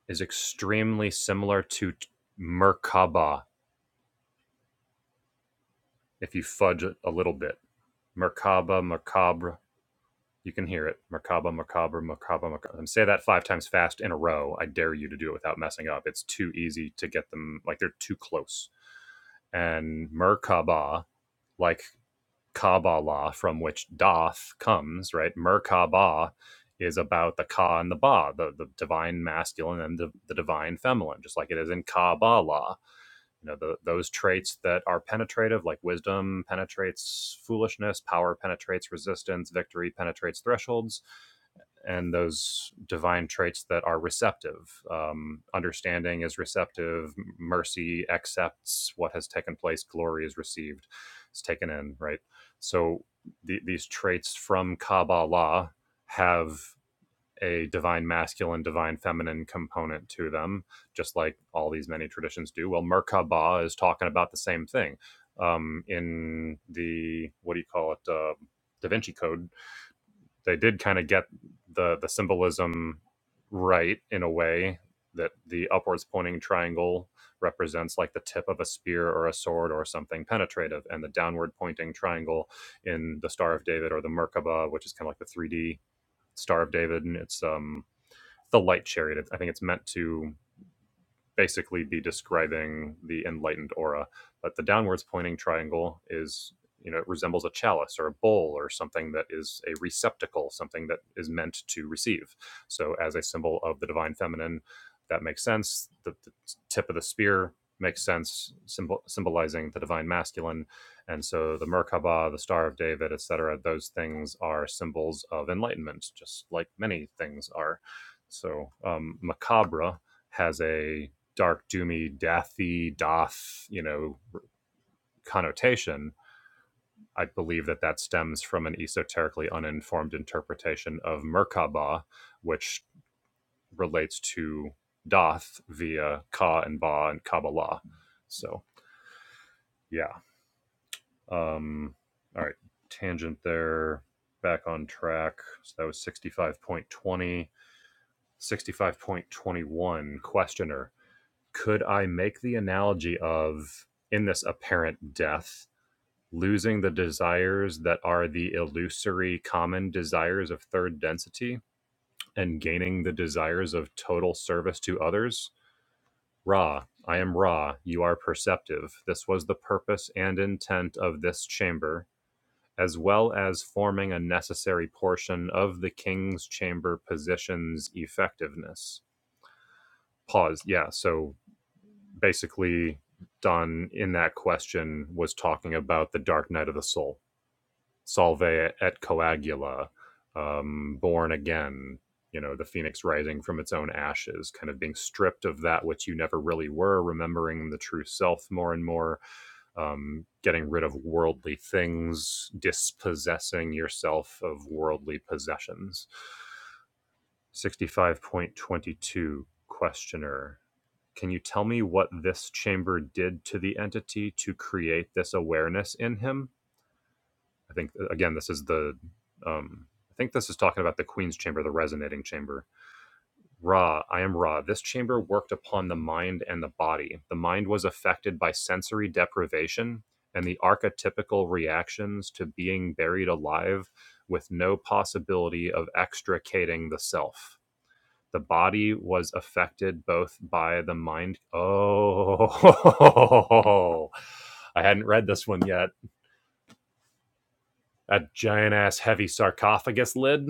is extremely similar to merkaba. If you fudge it a little bit, merkaba, macabre, you can hear it. Merkaba, macabre, merkaba, macabre. And say that five times fast in a row. I dare you to do it without messing up. It's too easy to get them. Like they're too close. And merkaba, like Kabbalah, from which Doth comes, right? Merkabah is about the Ka and the Ba, the, the divine masculine and the, the divine feminine, just like it is in Kabbalah. You know, the, those traits that are penetrative, like wisdom penetrates foolishness, power penetrates resistance, victory penetrates thresholds and those divine traits that are receptive. Um, understanding is receptive. Mercy accepts what has taken place. Glory is received. It's taken in, right? So the, these traits from Kabbalah have a divine masculine, divine feminine component to them, just like all these many traditions do. Well, Merkabah is talking about the same thing. Um, in the, what do you call it? Uh, Da Vinci Code, they did kind of get the the symbolism right in a way that the upwards pointing triangle represents like the tip of a spear or a sword or something penetrative and the downward pointing triangle in the star of david or the merkaba which is kind of like the 3d star of david and it's um the light chariot i think it's meant to basically be describing the enlightened aura. But the downwards pointing triangle is, you know, it resembles a chalice or a bowl or something that is a receptacle, something that is meant to receive. So, as a symbol of the divine feminine, that makes sense. The, the tip of the spear makes sense, symbol, symbolizing the divine masculine. And so, the Merkaba, the Star of David, etc., those things are symbols of enlightenment, just like many things are. So, um, macabre has a dark, doomy, deathy, doth, you know, connotation, I believe that that stems from an esoterically uninformed interpretation of Merkabah, which relates to Doth via Ka and Ba and Kabbalah. So, yeah. Um, all right. Tangent there. Back on track. So that was 65.20. 65.21. Questioner. Could I make the analogy of in this apparent death losing the desires that are the illusory common desires of third density and gaining the desires of total service to others. Ra, I am Ra, you are perceptive. This was the purpose and intent of this chamber, as well as forming a necessary portion of the king's chamber position's effectiveness. Pause. Yeah, so basically, Don in that question was talking about the dark night of the soul. Salve et Coagula, um, Born Again, you know, the phoenix rising from its own ashes, kind of being stripped of that which you never really were, remembering the true self more and more, um, getting rid of worldly things, dispossessing yourself of worldly possessions. 65.22 Questioner. Can you tell me what this chamber did to the entity to create this awareness in him? I think uh, again, this is the um, I think this is talking about the Queen's chamber, the resonating chamber. Ra, I am Ra. This chamber worked upon the mind and the body. The mind was affected by sensory deprivation and the archetypical reactions to being buried alive with no possibility of extricating the self. The body was affected both by the mind. Oh, [laughs] I hadn't read this one yet. That giant ass heavy sarcophagus lid.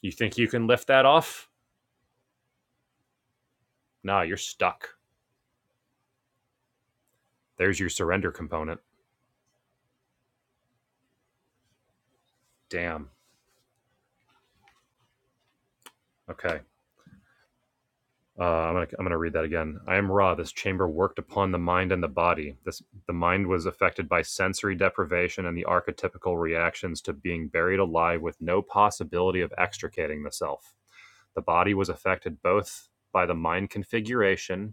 You think you can lift that off? Nah, you're stuck. There's your surrender component. Damn. Okay. Uh, I'm gonna I'm gonna read that again. I am raw. This chamber worked upon the mind and the body. This the mind was affected by sensory deprivation and the archetypical reactions to being buried alive with no possibility of extricating the self. The body was affected both by the mind configuration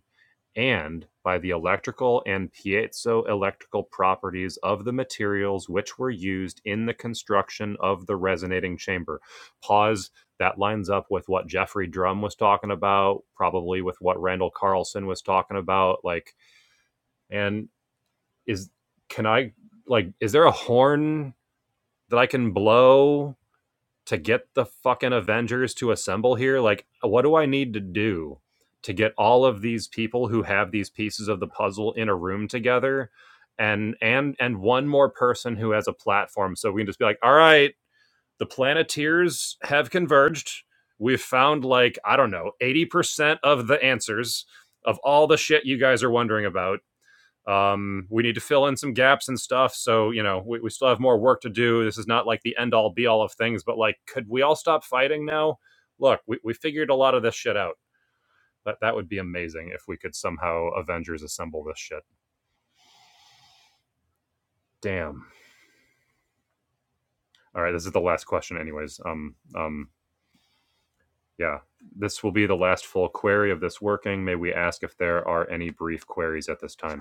and by the electrical and piezoelectrical properties of the materials which were used in the construction of the resonating chamber. Pause. That lines up with what Jeffrey Drum was talking about, probably with what Randall Carlson was talking about. Like, and is, can I, like, is there a horn that I can blow to get the fucking Avengers to assemble here? Like, what do I need to do to get all of these people who have these pieces of the puzzle in a room together? And and and one more person who has a platform, so we can just be like, all right, the Planeteers have converged. We've found like I don't know eighty percent of the answers of all the shit you guys are wondering about um, we need to fill in some gaps and stuff. So, you know, we, we still have more work to do. This is not like the end all be all of things, but like, could we all stop fighting now? Look, we, we figured a lot of this shit out. That, that would be amazing if we could somehow Avengers assemble this shit. Damn. All right, this is the last question, anyways. Um, um, yeah, this will be the last full query of this working. May we ask if there are any brief queries at this time?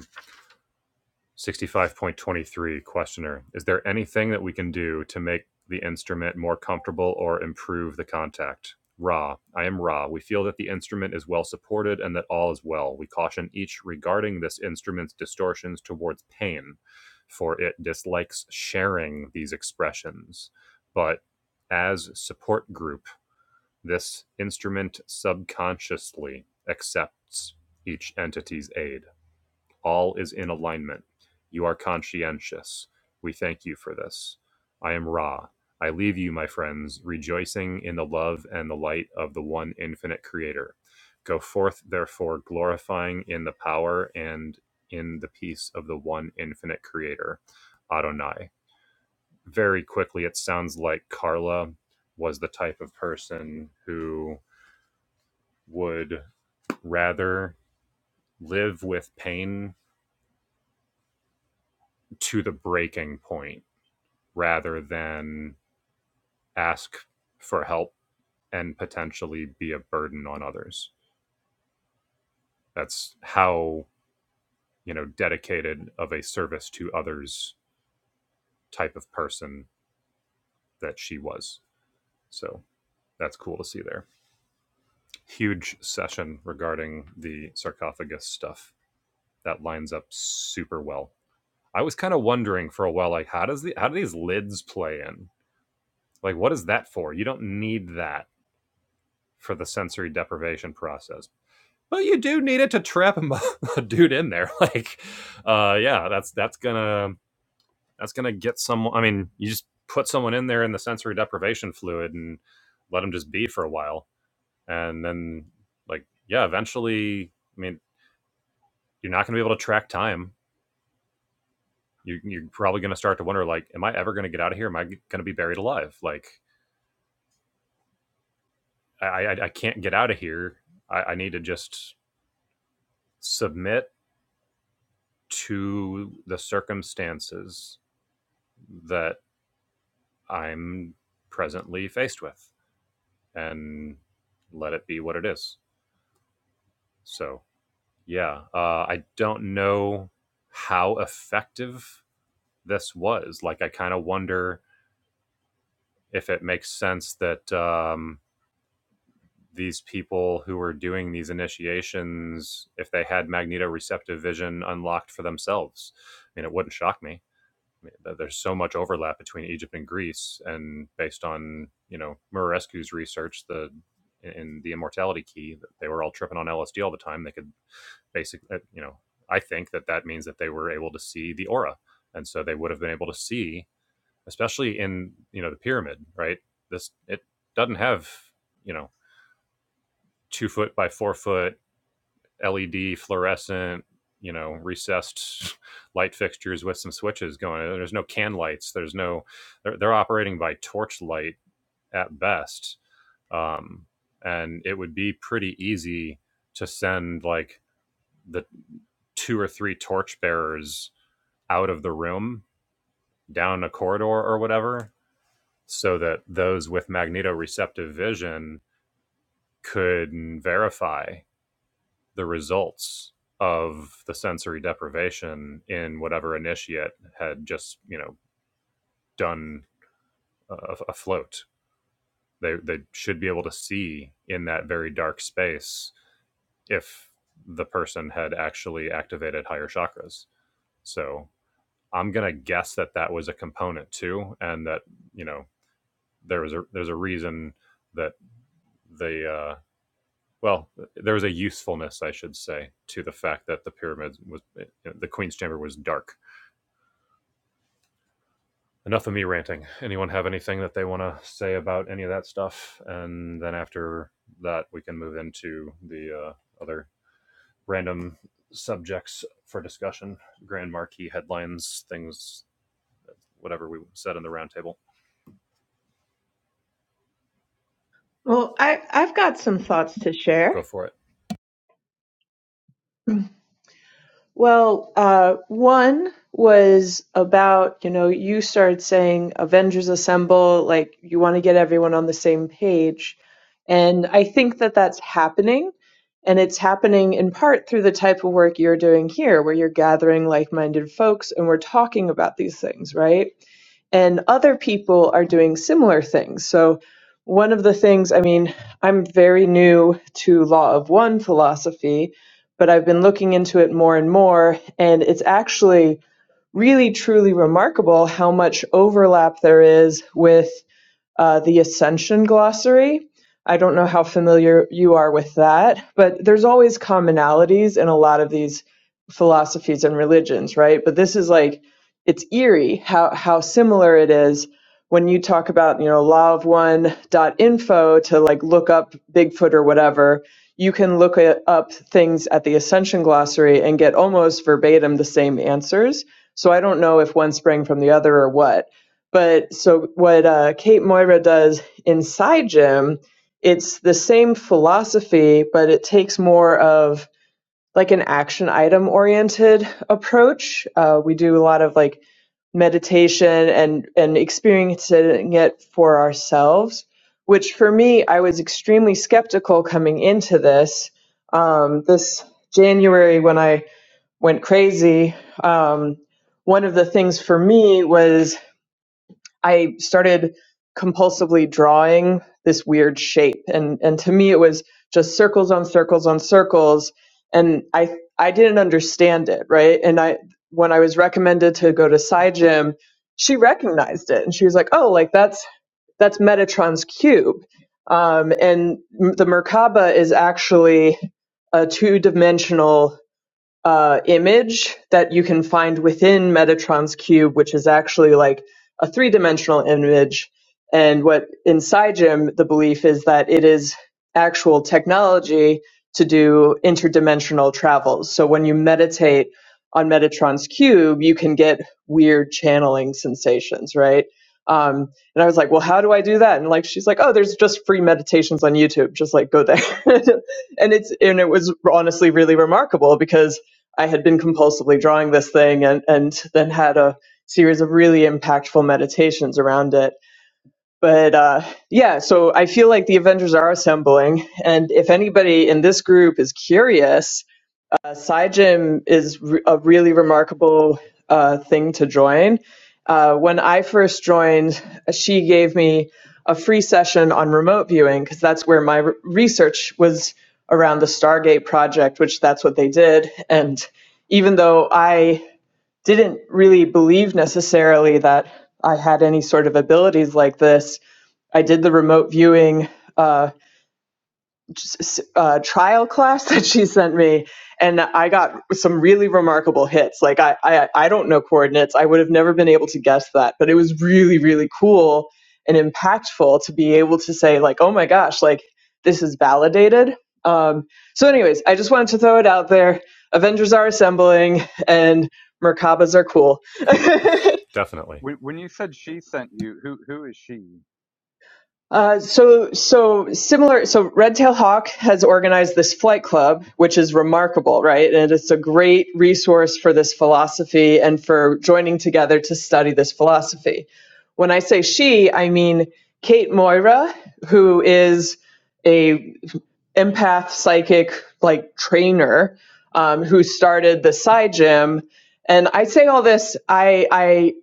65.23 Questioner. Is there anything that we can do to make the instrument more comfortable or improve the contact? Ra. I am Ra. We feel that the instrument is well supported and that all is well. We caution each regarding this instrument's distortions towards pain, for it dislikes sharing these expressions. But as support group, this instrument subconsciously accepts each entity's aid. All is in alignment. You are conscientious. We thank you for this. I am Ra. I leave you, my friends, rejoicing in the love and the light of the one infinite creator. Go forth, therefore, glorifying in the power and in the peace of the one infinite creator, Adonai. Very quickly, it sounds like Carla was the type of person who would rather live with pain to the breaking point rather than ask for help and potentially be a burden on others. That's how, you know, dedicated of a service to others type of person that she was. So that's cool to see there. Huge session regarding the sarcophagus stuff. That lines up super well. I was kind of wondering for a while, like, how does the how do these lids play in? Like, what is that for? You don't need that for the sensory deprivation process, but you do need it to trap a [laughs] dude in there. [laughs] Like, uh, yeah, that's that's gonna that's gonna get someone. I mean, you just put someone in there in the sensory deprivation fluid and let them just be for a while, and then like yeah, eventually, I mean, you're not gonna be able to track time. You, you're probably gonna start to wonder like, am I ever gonna get out of here? Am I gonna be buried alive? Like, I I, I can't get out of here. I, I need to just submit to the circumstances that I'm presently faced with and let it be what it is. So, yeah, uh, I don't know how effective this was. Like, I kind of wonder if it makes sense that um, these people who were doing these initiations, if they had magnetoreceptive vision unlocked for themselves. I mean, it wouldn't shock me. there's so much overlap between Egypt and Greece, and based on you know Murarescu's research, the in the immortality key, they were all tripping on LSD all the time. They could basically, you know, I think that that means that they were able to see the aura, and so they would have been able to see, especially in you know the pyramid, right? This it doesn't have you know two foot by four foot LED fluorescent, you know, recessed [laughs] light fixtures with some switches going. There's no can lights. There's no. They're, they're operating by torch light at best, um, and it would be pretty easy to send like the two or three torch bearers out of the room down a corridor or whatever so that those with magnetoreceptive vision could verify the results of the sensory deprivation in whatever initiate had just you know done a, a float they they should be able to see in that very dark space if the person had actually activated higher chakras so i'm going to guess that that was a component too and that you know there was a there's a reason that the uh well there was a usefulness i should say to the fact that the pyramid was the queen's chamber was dark enough of me ranting. Anyone have anything that they want to say about any of that stuff? And then after that, we can move into the uh, other random subjects for discussion, grand marquee headlines, things, whatever we said in the roundtable.
Well, I, I've got some thoughts to share.
Go for it.
Well, uh, one was about, you know, you started saying Avengers Assemble, like you want to get everyone on the same page. And I think that that's happening. And it's happening in part through the type of work you're doing here, where you're gathering like minded folks and we're talking about these things, right? and other people are doing similar things. So, one of the things, I mean, I'm very new to Law of One philosophy, but I've been looking into it more and more, and it's actually really truly remarkable how much overlap there is with uh, the Ascension Glossary. I don't know how familiar you are with that, but there's always commonalities in a lot of these philosophies and religions, right? But this is like it's eerie how how similar it is when you talk about you know law of one dot info to like look up Bigfoot or whatever. You can look it up things at the Ascension Glossary and get almost verbatim the same answers. So I don't know if one sprang from the other or what but so what uh, Kate Moira does inside Jim, it's the same philosophy, but it takes more of like an action item oriented approach. Uh, we do a lot of like meditation and and experiencing it for ourselves, which for me I was extremely skeptical coming into this. Um, this January when I went crazy, um, one of the things for me was I started compulsively drawing this weird shape and and to me it was just circles on circles on circles and I I didn't understand it, right? And I when I was recommended to go to Psy Gym, she recognized it and she was like, "Oh, like that's that's Metatron's cube." Um, and the Merkaba is actually a two-dimensional uh, image that you can find within Metatron's cube, which is actually like a three dimensional image. And what in SciGym, the belief is that it is actual technology to do interdimensional travels. So when you meditate on Metatron's cube, you can get weird channeling sensations, right? Um, and I was like, well, how do I do that? And like, she's like, oh, there's just free meditations on YouTube. Just like go there. [laughs] and it's, and it was honestly really remarkable because I had been compulsively drawing this thing and, and then had a series of really impactful meditations around it. But uh, yeah, so I feel like the Avengers are assembling. And if anybody in this group is curious, uh, SciGym is re- a really remarkable uh, thing to join. Uh, when I first joined, she gave me a free session on remote viewing because that's where my re- research was around the Stargate project, which that's what they did. And even though I didn't really believe necessarily that I had any sort of abilities like this, I did the remote viewing. Uh, uh, trial class [laughs] that she sent me, and I got some really remarkable hits. Like I, I, I don't know coordinates. I would have never been able to guess that, but it was really, really cool and impactful to be able to say like, oh my gosh, like this is validated. Um, so, anyways, I just wanted to throw it out there. Avengers are assembling, and Merkabas are cool. [laughs]
Definitely,
When when you said she sent you, who who is she?
Uh, so, so similar. So, Red Tail Hawk has organized this flight club, which is remarkable, right? And it's a great resource for this philosophy and for joining together to study this philosophy. When I say she, I mean Kate Moira, who is a empath psychic like trainer um, who started the side gym and i say all this i i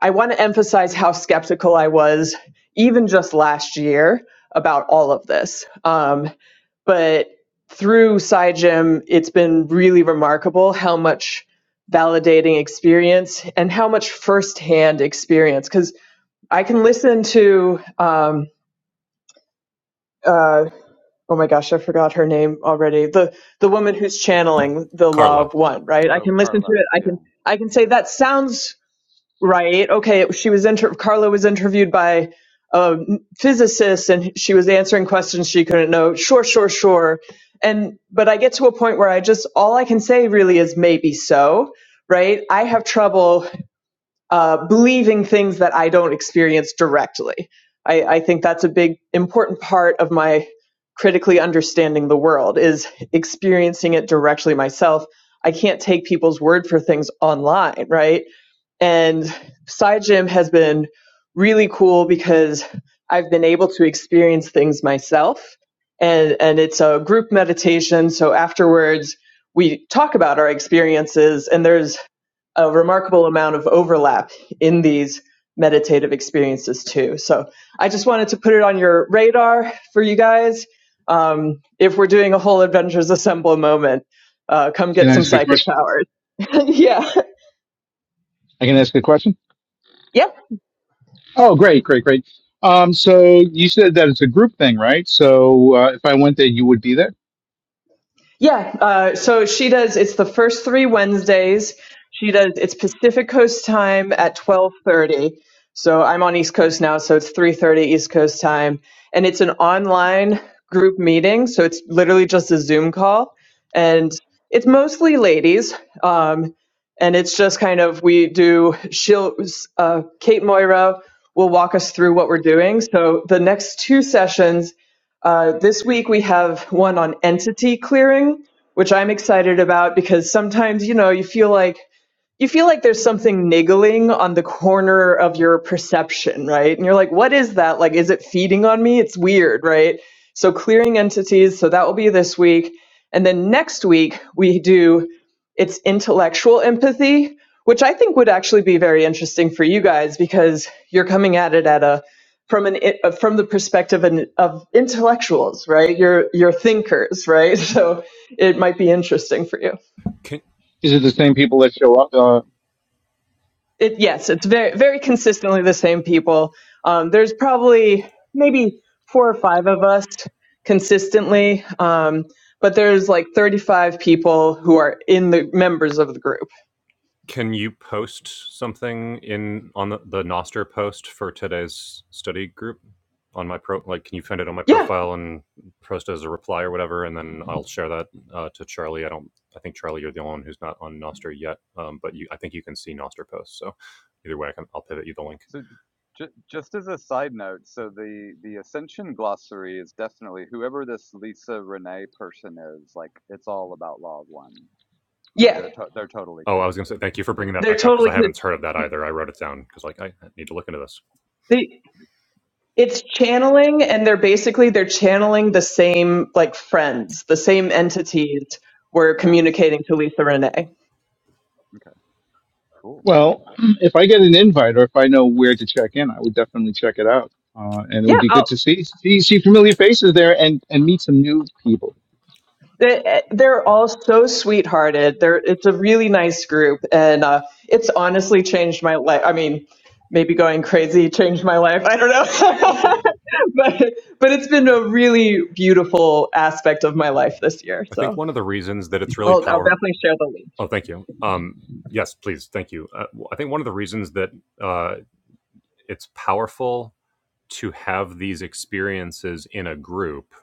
i want to emphasize how skeptical i was even just last year about all of this um, but through side gym it's been really remarkable how much validating experience and how much firsthand experience because i can listen to um, uh, oh my gosh, I forgot her name already. The the woman who's channeling the law
Carla.
of one, right? I
Oh,
can listen to
Carla.
it. I
Yeah.
can I can say that sounds right. Okay, she was inter- Carla was interviewed by a physicist and she was answering questions she couldn't know. Sure, sure, sure. And but I get to a point where I just all I can say really is maybe so, right? I have trouble uh, believing things that I don't experience directly. I, I think that's a big important part of my critically understanding the world is experiencing it directly myself. I can't take people's word for things online, right? And Side Gym has been really cool because I've been able to experience things myself. And, and it's a group meditation. So afterwards, we talk about our experiences, and there's a remarkable amount of overlap in these meditative experiences too. So I just wanted to put it on your radar for you guys. Um, if we're doing a whole Adventures Assemble moment, uh, come
Can
get
I
some
ask you a
psychic
question?
powers. [laughs] yeah.
I can ask a question.
Yep.
Oh, great, great, great. Um, so you said that it's a group thing, right? So uh, if I went there, you would be there.
Yeah, uh, so she does. It's the first three Wednesdays. She does. It's Pacific Coast time at twelve thirty. So I'm on East Coast now, so it's three thirty East Coast time, and it's an online group meeting. So it's literally just a Zoom call, and it's mostly ladies. Um, and it's just kind of we do. She'll uh, Kate Moira will walk us through what we're doing. So the next two sessions uh, this week we have one on entity clearing, which I'm excited about because sometimes, you know, you feel like you feel like there's something niggling on the corner of your perception, right? And you're like, what is that? Like, is it feeding on me? It's weird, right? So clearing entities. So that will be this week. And then next week we do it's intellectual empathy, which I think would actually be very interesting for you guys because you're coming at it at a from an uh, from the perspective an- of intellectuals, right? You're you're thinkers, right? [laughs] So it might be interesting for you.
Can
Is it the same people that show up? Uh,
it yes, it's very very consistently the same people. Um, there's probably maybe four or five of us consistently, um, but there's like 35 people who are in the members of the group.
Can you post something in on the, the Noster post for today's study group on my pro? Like, can you find it on my
Yeah,
profile and post it as a reply or whatever? And then I'll share that uh, to Charlie. I don't. I think Charlie, you're the only one who's not on Nostr yet. Um, but you, I think you can see Nostr posts. So either way, I can, I'll pivot you the link.
So, j- just as a side note, so the the Ascension glossary is definitely whoever this Lisa Renee person is. Like, it's all about Law of One. So
yeah,
they're to- they're totally
Oh, I was going
connected.
to say thank you for bringing that
they're
back up because
totally
I haven't heard of that either. I wrote it down because like I need to look into this.
they, it's channeling, and they're basically they're channeling the same like friends, the same
Right.
entities we're
Nice.
communicating to Lisa Renee.
Okay. Cool.
well, [clears throat] if I get an invite or if I know where to check in, I would definitely check it out. Uh, and it
Yeah,
would be
I'll,
good to see see, see familiar faces there and, and meet some new people.
They, they're all so sweethearted. They're it's a really nice group, and uh, it's honestly changed my life. I mean, maybe going crazy changed my life. I don't know, [laughs] but but it's been a really beautiful aspect of my life this year.
I think
So
one of the reasons that it's really
I'll, I'll
powerful
definitely share the link.
Oh, thank you. Um, yes, please. Thank you. Uh, w- I think one of the reasons that uh, it's powerful to have these experiences in a group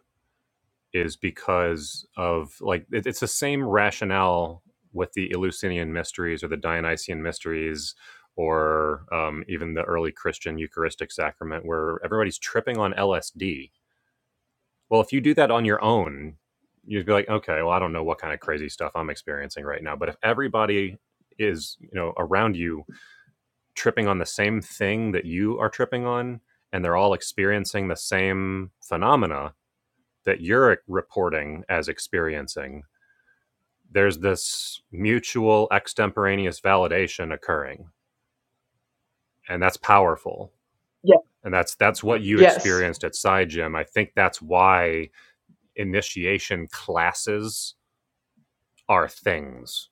is because of like it, it's the same rationale with the Eleusinian mysteries or the Dionysian mysteries or um, even the early Christian Eucharistic sacrament, where everybody's tripping on LSD well, if you do that on your own, you'd be like, okay, well, I don't know what kind of crazy stuff I'm experiencing right now. But if everybody is, you know, around you tripping on the same thing that you are tripping on, and they're all experiencing the same phenomena that you're reporting as experiencing, there's this mutual extemporaneous validation occurring. And that's powerful.
Yeah.
And that's that's what you
Yes.
experienced at Sci Gym. I think that's why initiation classes are things.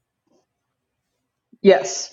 Yes.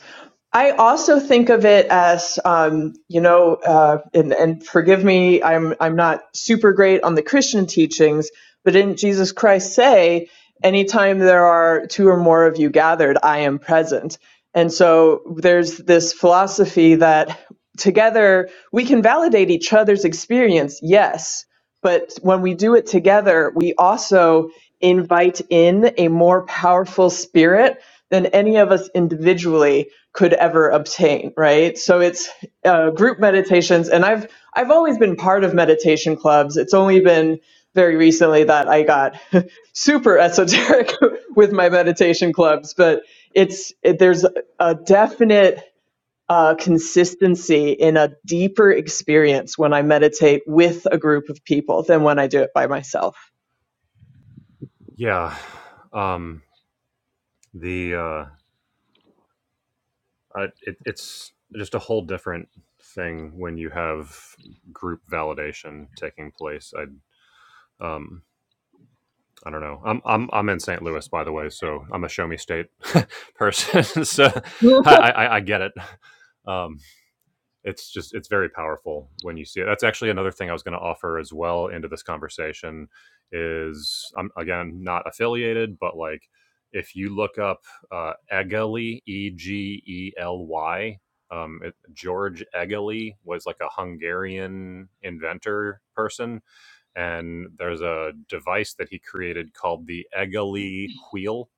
I also think of it as, um, you know, uh, and, and forgive me, I'm I'm not super great on the Christian teachings, but didn't Jesus Christ say, "Anytime there are two or more of you gathered, I am present"? And so there's this philosophy that together we can validate each other's experience, yes, but when we do it together, we also invite in a more powerful spirit than any of us individually could ever obtain right so it's uh, group meditations and i've i've always been part of meditation clubs it's only been very recently that i got [laughs] super esoteric [laughs] with my meditation clubs but it's it, there's a definite uh, consistency in a deeper experience when i meditate with a group of people than when i do it by myself
Yeah. Um, the uh, I, it, it's just a whole different thing when you have group validation taking place. I um, I don't know. I'm I'm I'm in St. Louis, by the way, so I'm a show me state [laughs] person. [laughs] so I,
[laughs]
I I get it. Um, it's just it's very powerful when you see it that's actually another thing i was going to offer as well into this conversation is i'm again not affiliated but like if you look up uh, Egeli, E G E L Y, um, it- George Egeli was like a Hungarian inventor person, and there's a device that he created called the Egeli wheel,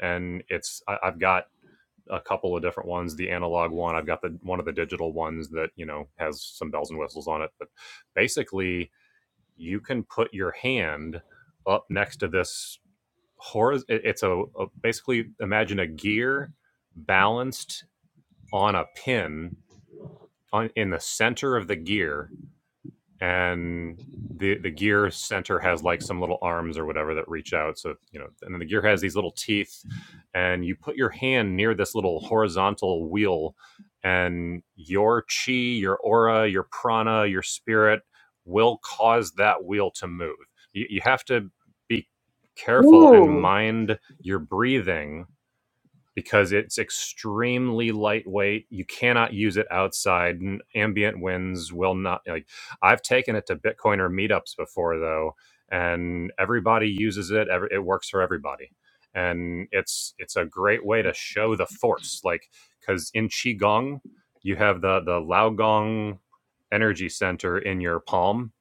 and it's I, I've got a couple of different ones. The analog one, I've got the one of the digital ones that you know has some bells and whistles on it. But basically, you can put your hand up next to this horiz- It's a, a basically imagine a gear balanced on a pin on, in the center of the gear and the the gear center has like some little arms or whatever that reach out so you know and then the gear has these little teeth and you put your hand near this little horizontal wheel and your chi your aura your prana your spirit will cause that wheel to move you, you have to be careful and
Ooh,
mind your breathing because it's extremely lightweight. You cannot use it outside. N- Ambient winds will not like I've taken it to Bitcoiner meetups before though, and everybody uses it. Every, it works for everybody. And it's it's a great way to show the force like cuz in qigong you have the the Laogong energy center in your palm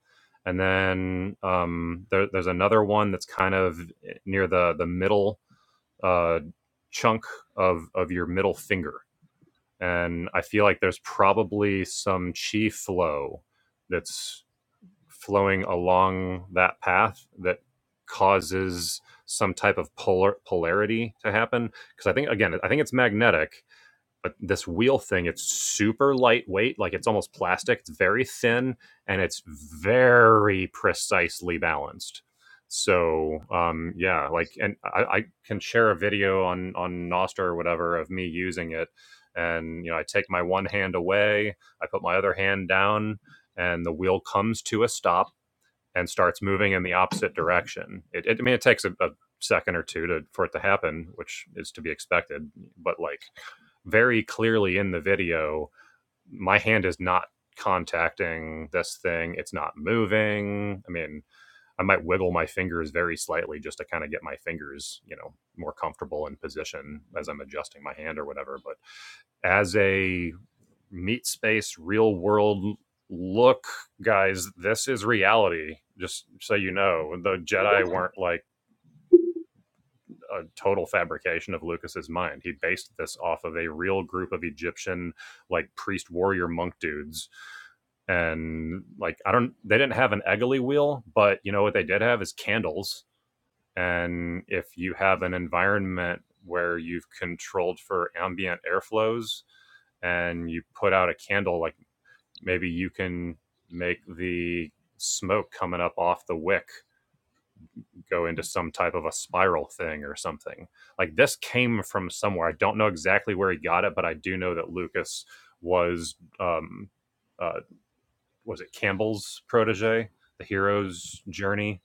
and then um, there, there's another one that's kind of eh, near the the middle uh, chunk of of your middle finger, and I feel like there's probably some chi flow that's flowing along that path that causes some type of polar polarity to happen because I think again I think it's magnetic but this wheel thing it's super lightweight like it's almost plastic it's very thin and it's very precisely balanced so um yeah like and i, I can share a video on on nostr or whatever of me using it and you know i take my one hand away i put my other hand down and the wheel comes to a stop and starts moving in the opposite direction. It, it I mean, it takes a, a second or two to for it to happen, which is to be expected. But like very clearly in the video, my hand is not contacting this thing. It's not moving. I mean, I might wiggle my fingers very slightly just to kind of get my fingers, you know, more comfortable in position as I'm adjusting my hand or whatever. But as a meat space real world look guys this is reality just so you know the jedi weren't like a total fabrication of lucas's mind he based this off of a real group of egyptian like priest warrior monk dudes and like i don't they didn't have an eggley wheel but you know what they did have is candles and if you have an environment where you've controlled for ambient airflows and you put out a candle like maybe you can make the smoke coming up off the wick go into some type of a spiral thing or something. Like this came from somewhere. I don't know exactly where he got it, but I do know that Lucas was um uh was it Campbell's protege, the hero's journey.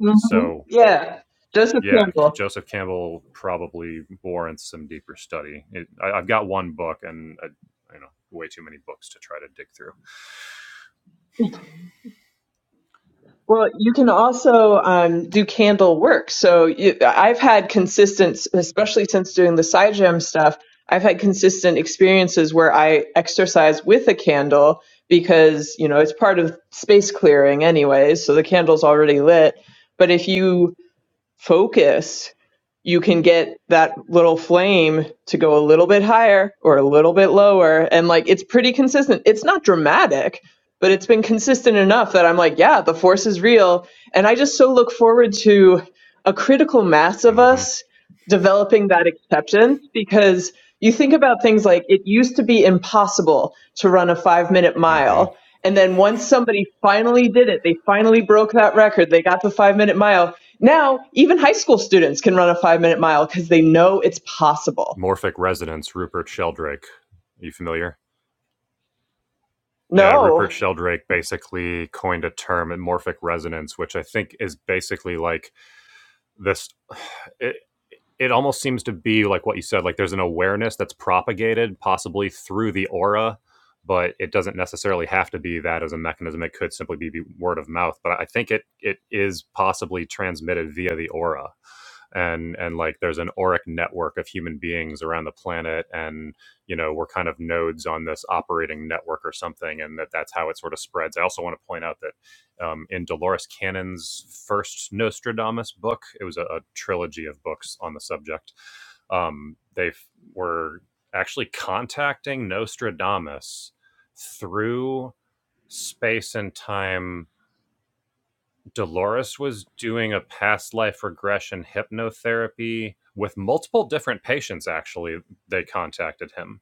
mhm,
So
yeah, just a
yeah,
candle.
Joseph Campbell probably warrants some deeper study. It, I, I've got one book and uh you know way too many books to try to dig through.
Well, you can also um, do candle work. So you, I've had consistent, especially since doing the side gem stuff, I've had consistent experiences where I exercise with a candle because, you know, it's part of space clearing anyways, so the candle's already lit. But if you focus you can get that little flame to go a little bit higher or a little bit lower and like it's pretty consistent it's not dramatic but it's been consistent enough that i'm like yeah the force is real and i just so look forward to a critical mass of
hmm
us developing that acceptance because you think about things like it used to be impossible to run a 5 minute
hmm
mile and then once somebody finally did it they finally broke that record they got the 5 minute mile now, even high school students can run a five minute mile because they know it's possible.
Morphic resonance, Rupert Sheldrake. Are you familiar? Yeah,
No.
Rupert Sheldrake basically coined a term, morphic resonance, which I think is basically like this. [sighs] it almost seems to be like what you said like there's an awareness that's propagated possibly through the aura but it doesn't necessarily have to be that as a mechanism it could simply be word of mouth but i think it it is possibly transmitted via the aura and and like there's an auric network of human beings around the planet and you know we're kind of nodes on this operating network or something and that that's how it sort of spreads i also want to point out that um, in dolores cannon's first nostradamus book it was a, a trilogy of books on the subject um, they were actually contacting nostradamus through space and time Dolores was doing a past life regression hypnotherapy with multiple different patients, actually, they contacted him.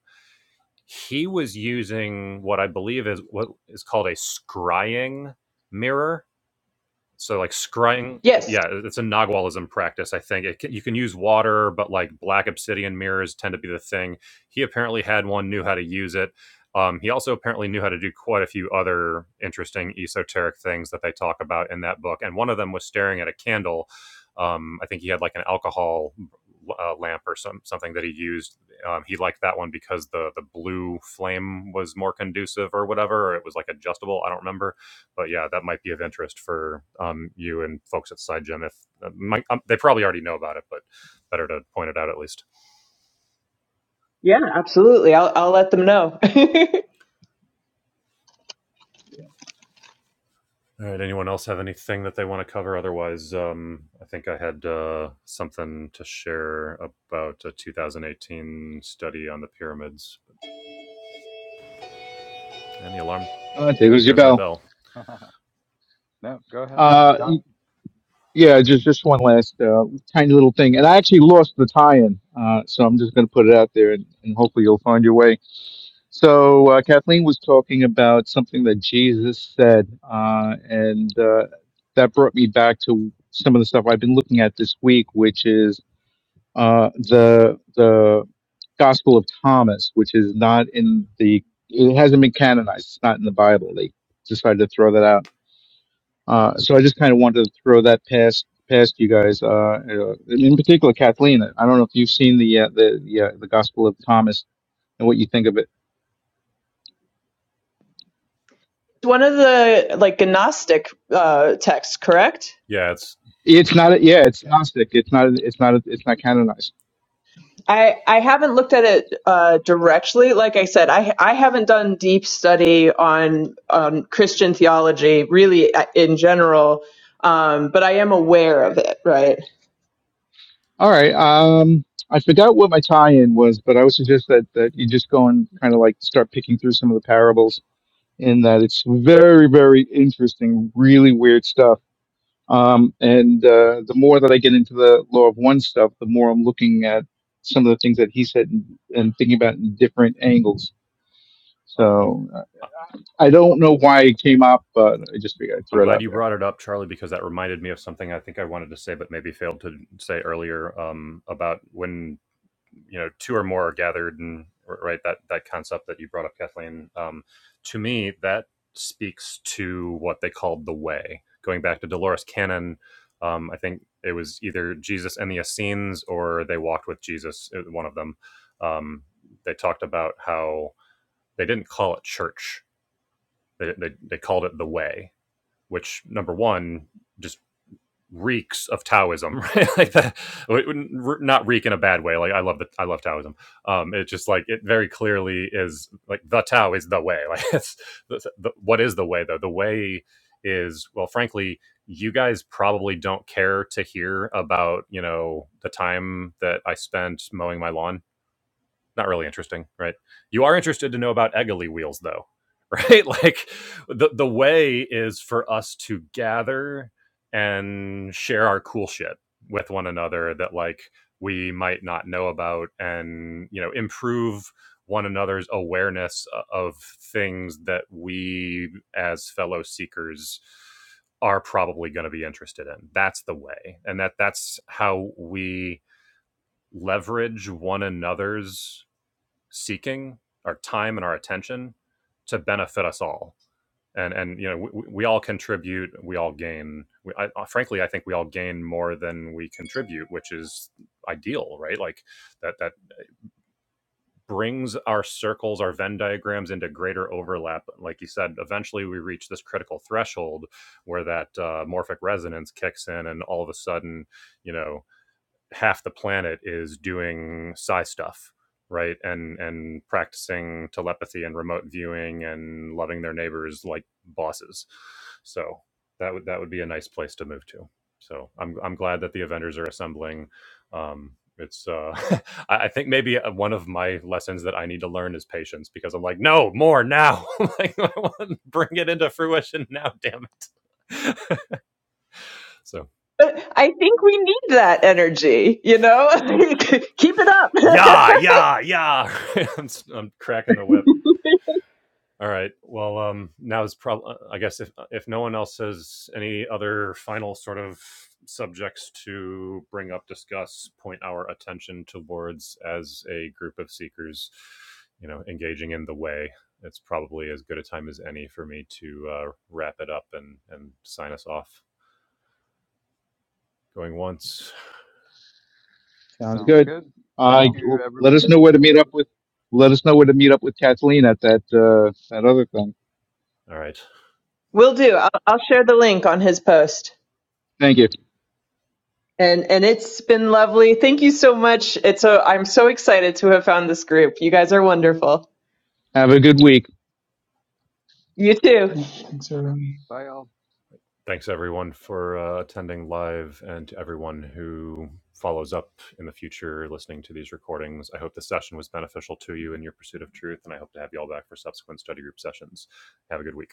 He was using what I believe is what is called a scrying mirror, so like scrying
Yes.
yeah it's a nagualism practice i think it can, you can use water but like black obsidian mirrors tend to be the thing he apparently had one knew how to use it um, he also apparently knew how to do quite a few other interesting esoteric things that they talk about in that book and one of them was staring at a candle um, i think he had like an alcohol uh, lamp or some, something that he used um, he liked that one because the the blue flame was more conducive or whatever or it was like adjustable i don't remember but yeah, that might be of interest for um, you and folks at SideGem. If uh, might, um, they probably already know about it, but better to point it out at least.
Yeah, absolutely. I'll, I'll let them know. [laughs]
All right. Anyone else have anything that they want to cover? Otherwise, um, I think I had uh, something to share about a 2018 study on the pyramids. And the alarm.
Uh, there goes your
There's my
bell.
bell.
[laughs] No, go ahead.
Uh, Yeah, just just one last uh, tiny little thing, and I actually lost the tie-in, uh, so I'm just going to put it out there, and, and hopefully you'll find your way. So uh, Kathleen was talking about something that Jesus said, uh, and uh, that brought me back to some of the stuff I've been looking at this week, which is uh, the the Gospel of Thomas, which is not in the it hasn't been canonized. It's not in the Bible. They decided to throw that out uh, so I just kind of wanted to throw that past past you guys. Uh, uh, in particular, Kathleen. I don't know if you've seen the uh, the the, uh, the Gospel of Thomas and what you think of it.
One of the like Gnostic uh, texts, correct?
Yeah, it's.
It's not. a, Yeah, it's Gnostic. It's not. It's not. It's not canonized.
I, I haven't looked at it uh, directly. Like I said, I I haven't done deep study on on Christian theology really uh, in general, um, but I am aware of it, right?
All right. Um, I forgot what my tie-in was, but I would suggest that that you just go and kind of like start picking through some of the parables. In that it's very very interesting, really weird stuff Um, and uh, the more that I get into the law of one stuff, the more I'm looking at some of the things that he said and, and thinking about in different angles.
uh, I'm,
So uh,
uh,
I don't know why it came up, but I just figured I'd
I'm
throw it
glad
out
you
there.
brought it up, Charlie, because that reminded me of something I think I wanted to say, but maybe failed to say earlier um, about when you know two or more are gathered and right that that concept that you brought up kathleen um, to me that speaks to what they called the way going back to dolores cannon um, i think it was either jesus and the essenes or they walked with jesus uh, one of them um, they talked about how they didn't call it church they, they, they called it the way which number one just reeks of Taoism, right? [laughs] like that, not reek in a bad way. Like I love the I love Taoism. Um, it just like it very clearly is like the Tao is the way. [laughs] Like it's the, the, what is the way though? The way is well, frankly, you guys probably don't care to hear about you know the time that I spent mowing my lawn not really interesting, right? You are interested to know about Egoli wheels, though, right? [laughs] Like the the way is for us to gather and share our cool shit with one another that like we might not know about, and you know improve one another's awareness of things that we as fellow seekers are probably going to be interested in. That's the way, and that that's how we leverage one another's seeking our time and our attention to benefit us all and and you know we, we all contribute we all gain we, I, uh, frankly i think we all gain more than we contribute which is ideal right like that that brings our circles our venn diagrams into greater overlap like you said eventually we reach this critical threshold where that uh, morphic resonance kicks in and all of a sudden you know half the planet is doing psi stuff, right? And and practicing telepathy and remote viewing and loving their neighbors like bosses. So that would that would be a nice place to move to. So I'm I'm glad that the Avengers are assembling. Um, it's uh, [laughs] I think maybe uh, one of my lessons that I need to learn is patience because I'm like no more now [laughs] like I want- to bring it into fruition now damn it [laughs] so
But I think we need that energy, you know? [laughs] Keep it up. [laughs]
yeah yeah yeah [laughs] I'm, s- I'm cracking the whip All right. Well, um, now is probably, I guess, if uh, if no one else has any other final sort of subjects to bring up, discuss, point our attention towards as a group of seekers, you know, engaging in the way, it's probably as good a time as any for me to uh, wrap it up and and sign us off. Going once.
Sounds
Sounds
good.
good. Thank
Uh,
you,
let us
everyone.
know where to meet up with. Let us know where to meet up with Kathleen at that uh, that other thing.
All right.
Will do. I'll, I'll share the link on his post.
Thank you.
And and it's been lovely. Thank you so much. It's a, I'm so excited to have found this group. You guys are wonderful.
Have a good week.
You too.
Yeah, thanks, everyone.
Bye, all.
Thanks everyone for uh, attending live and to everyone who follows up in the future listening to these recordings. I hope this session was beneficial to you in your pursuit of truth, and I hope to have you all back for subsequent study group sessions. Have a good week.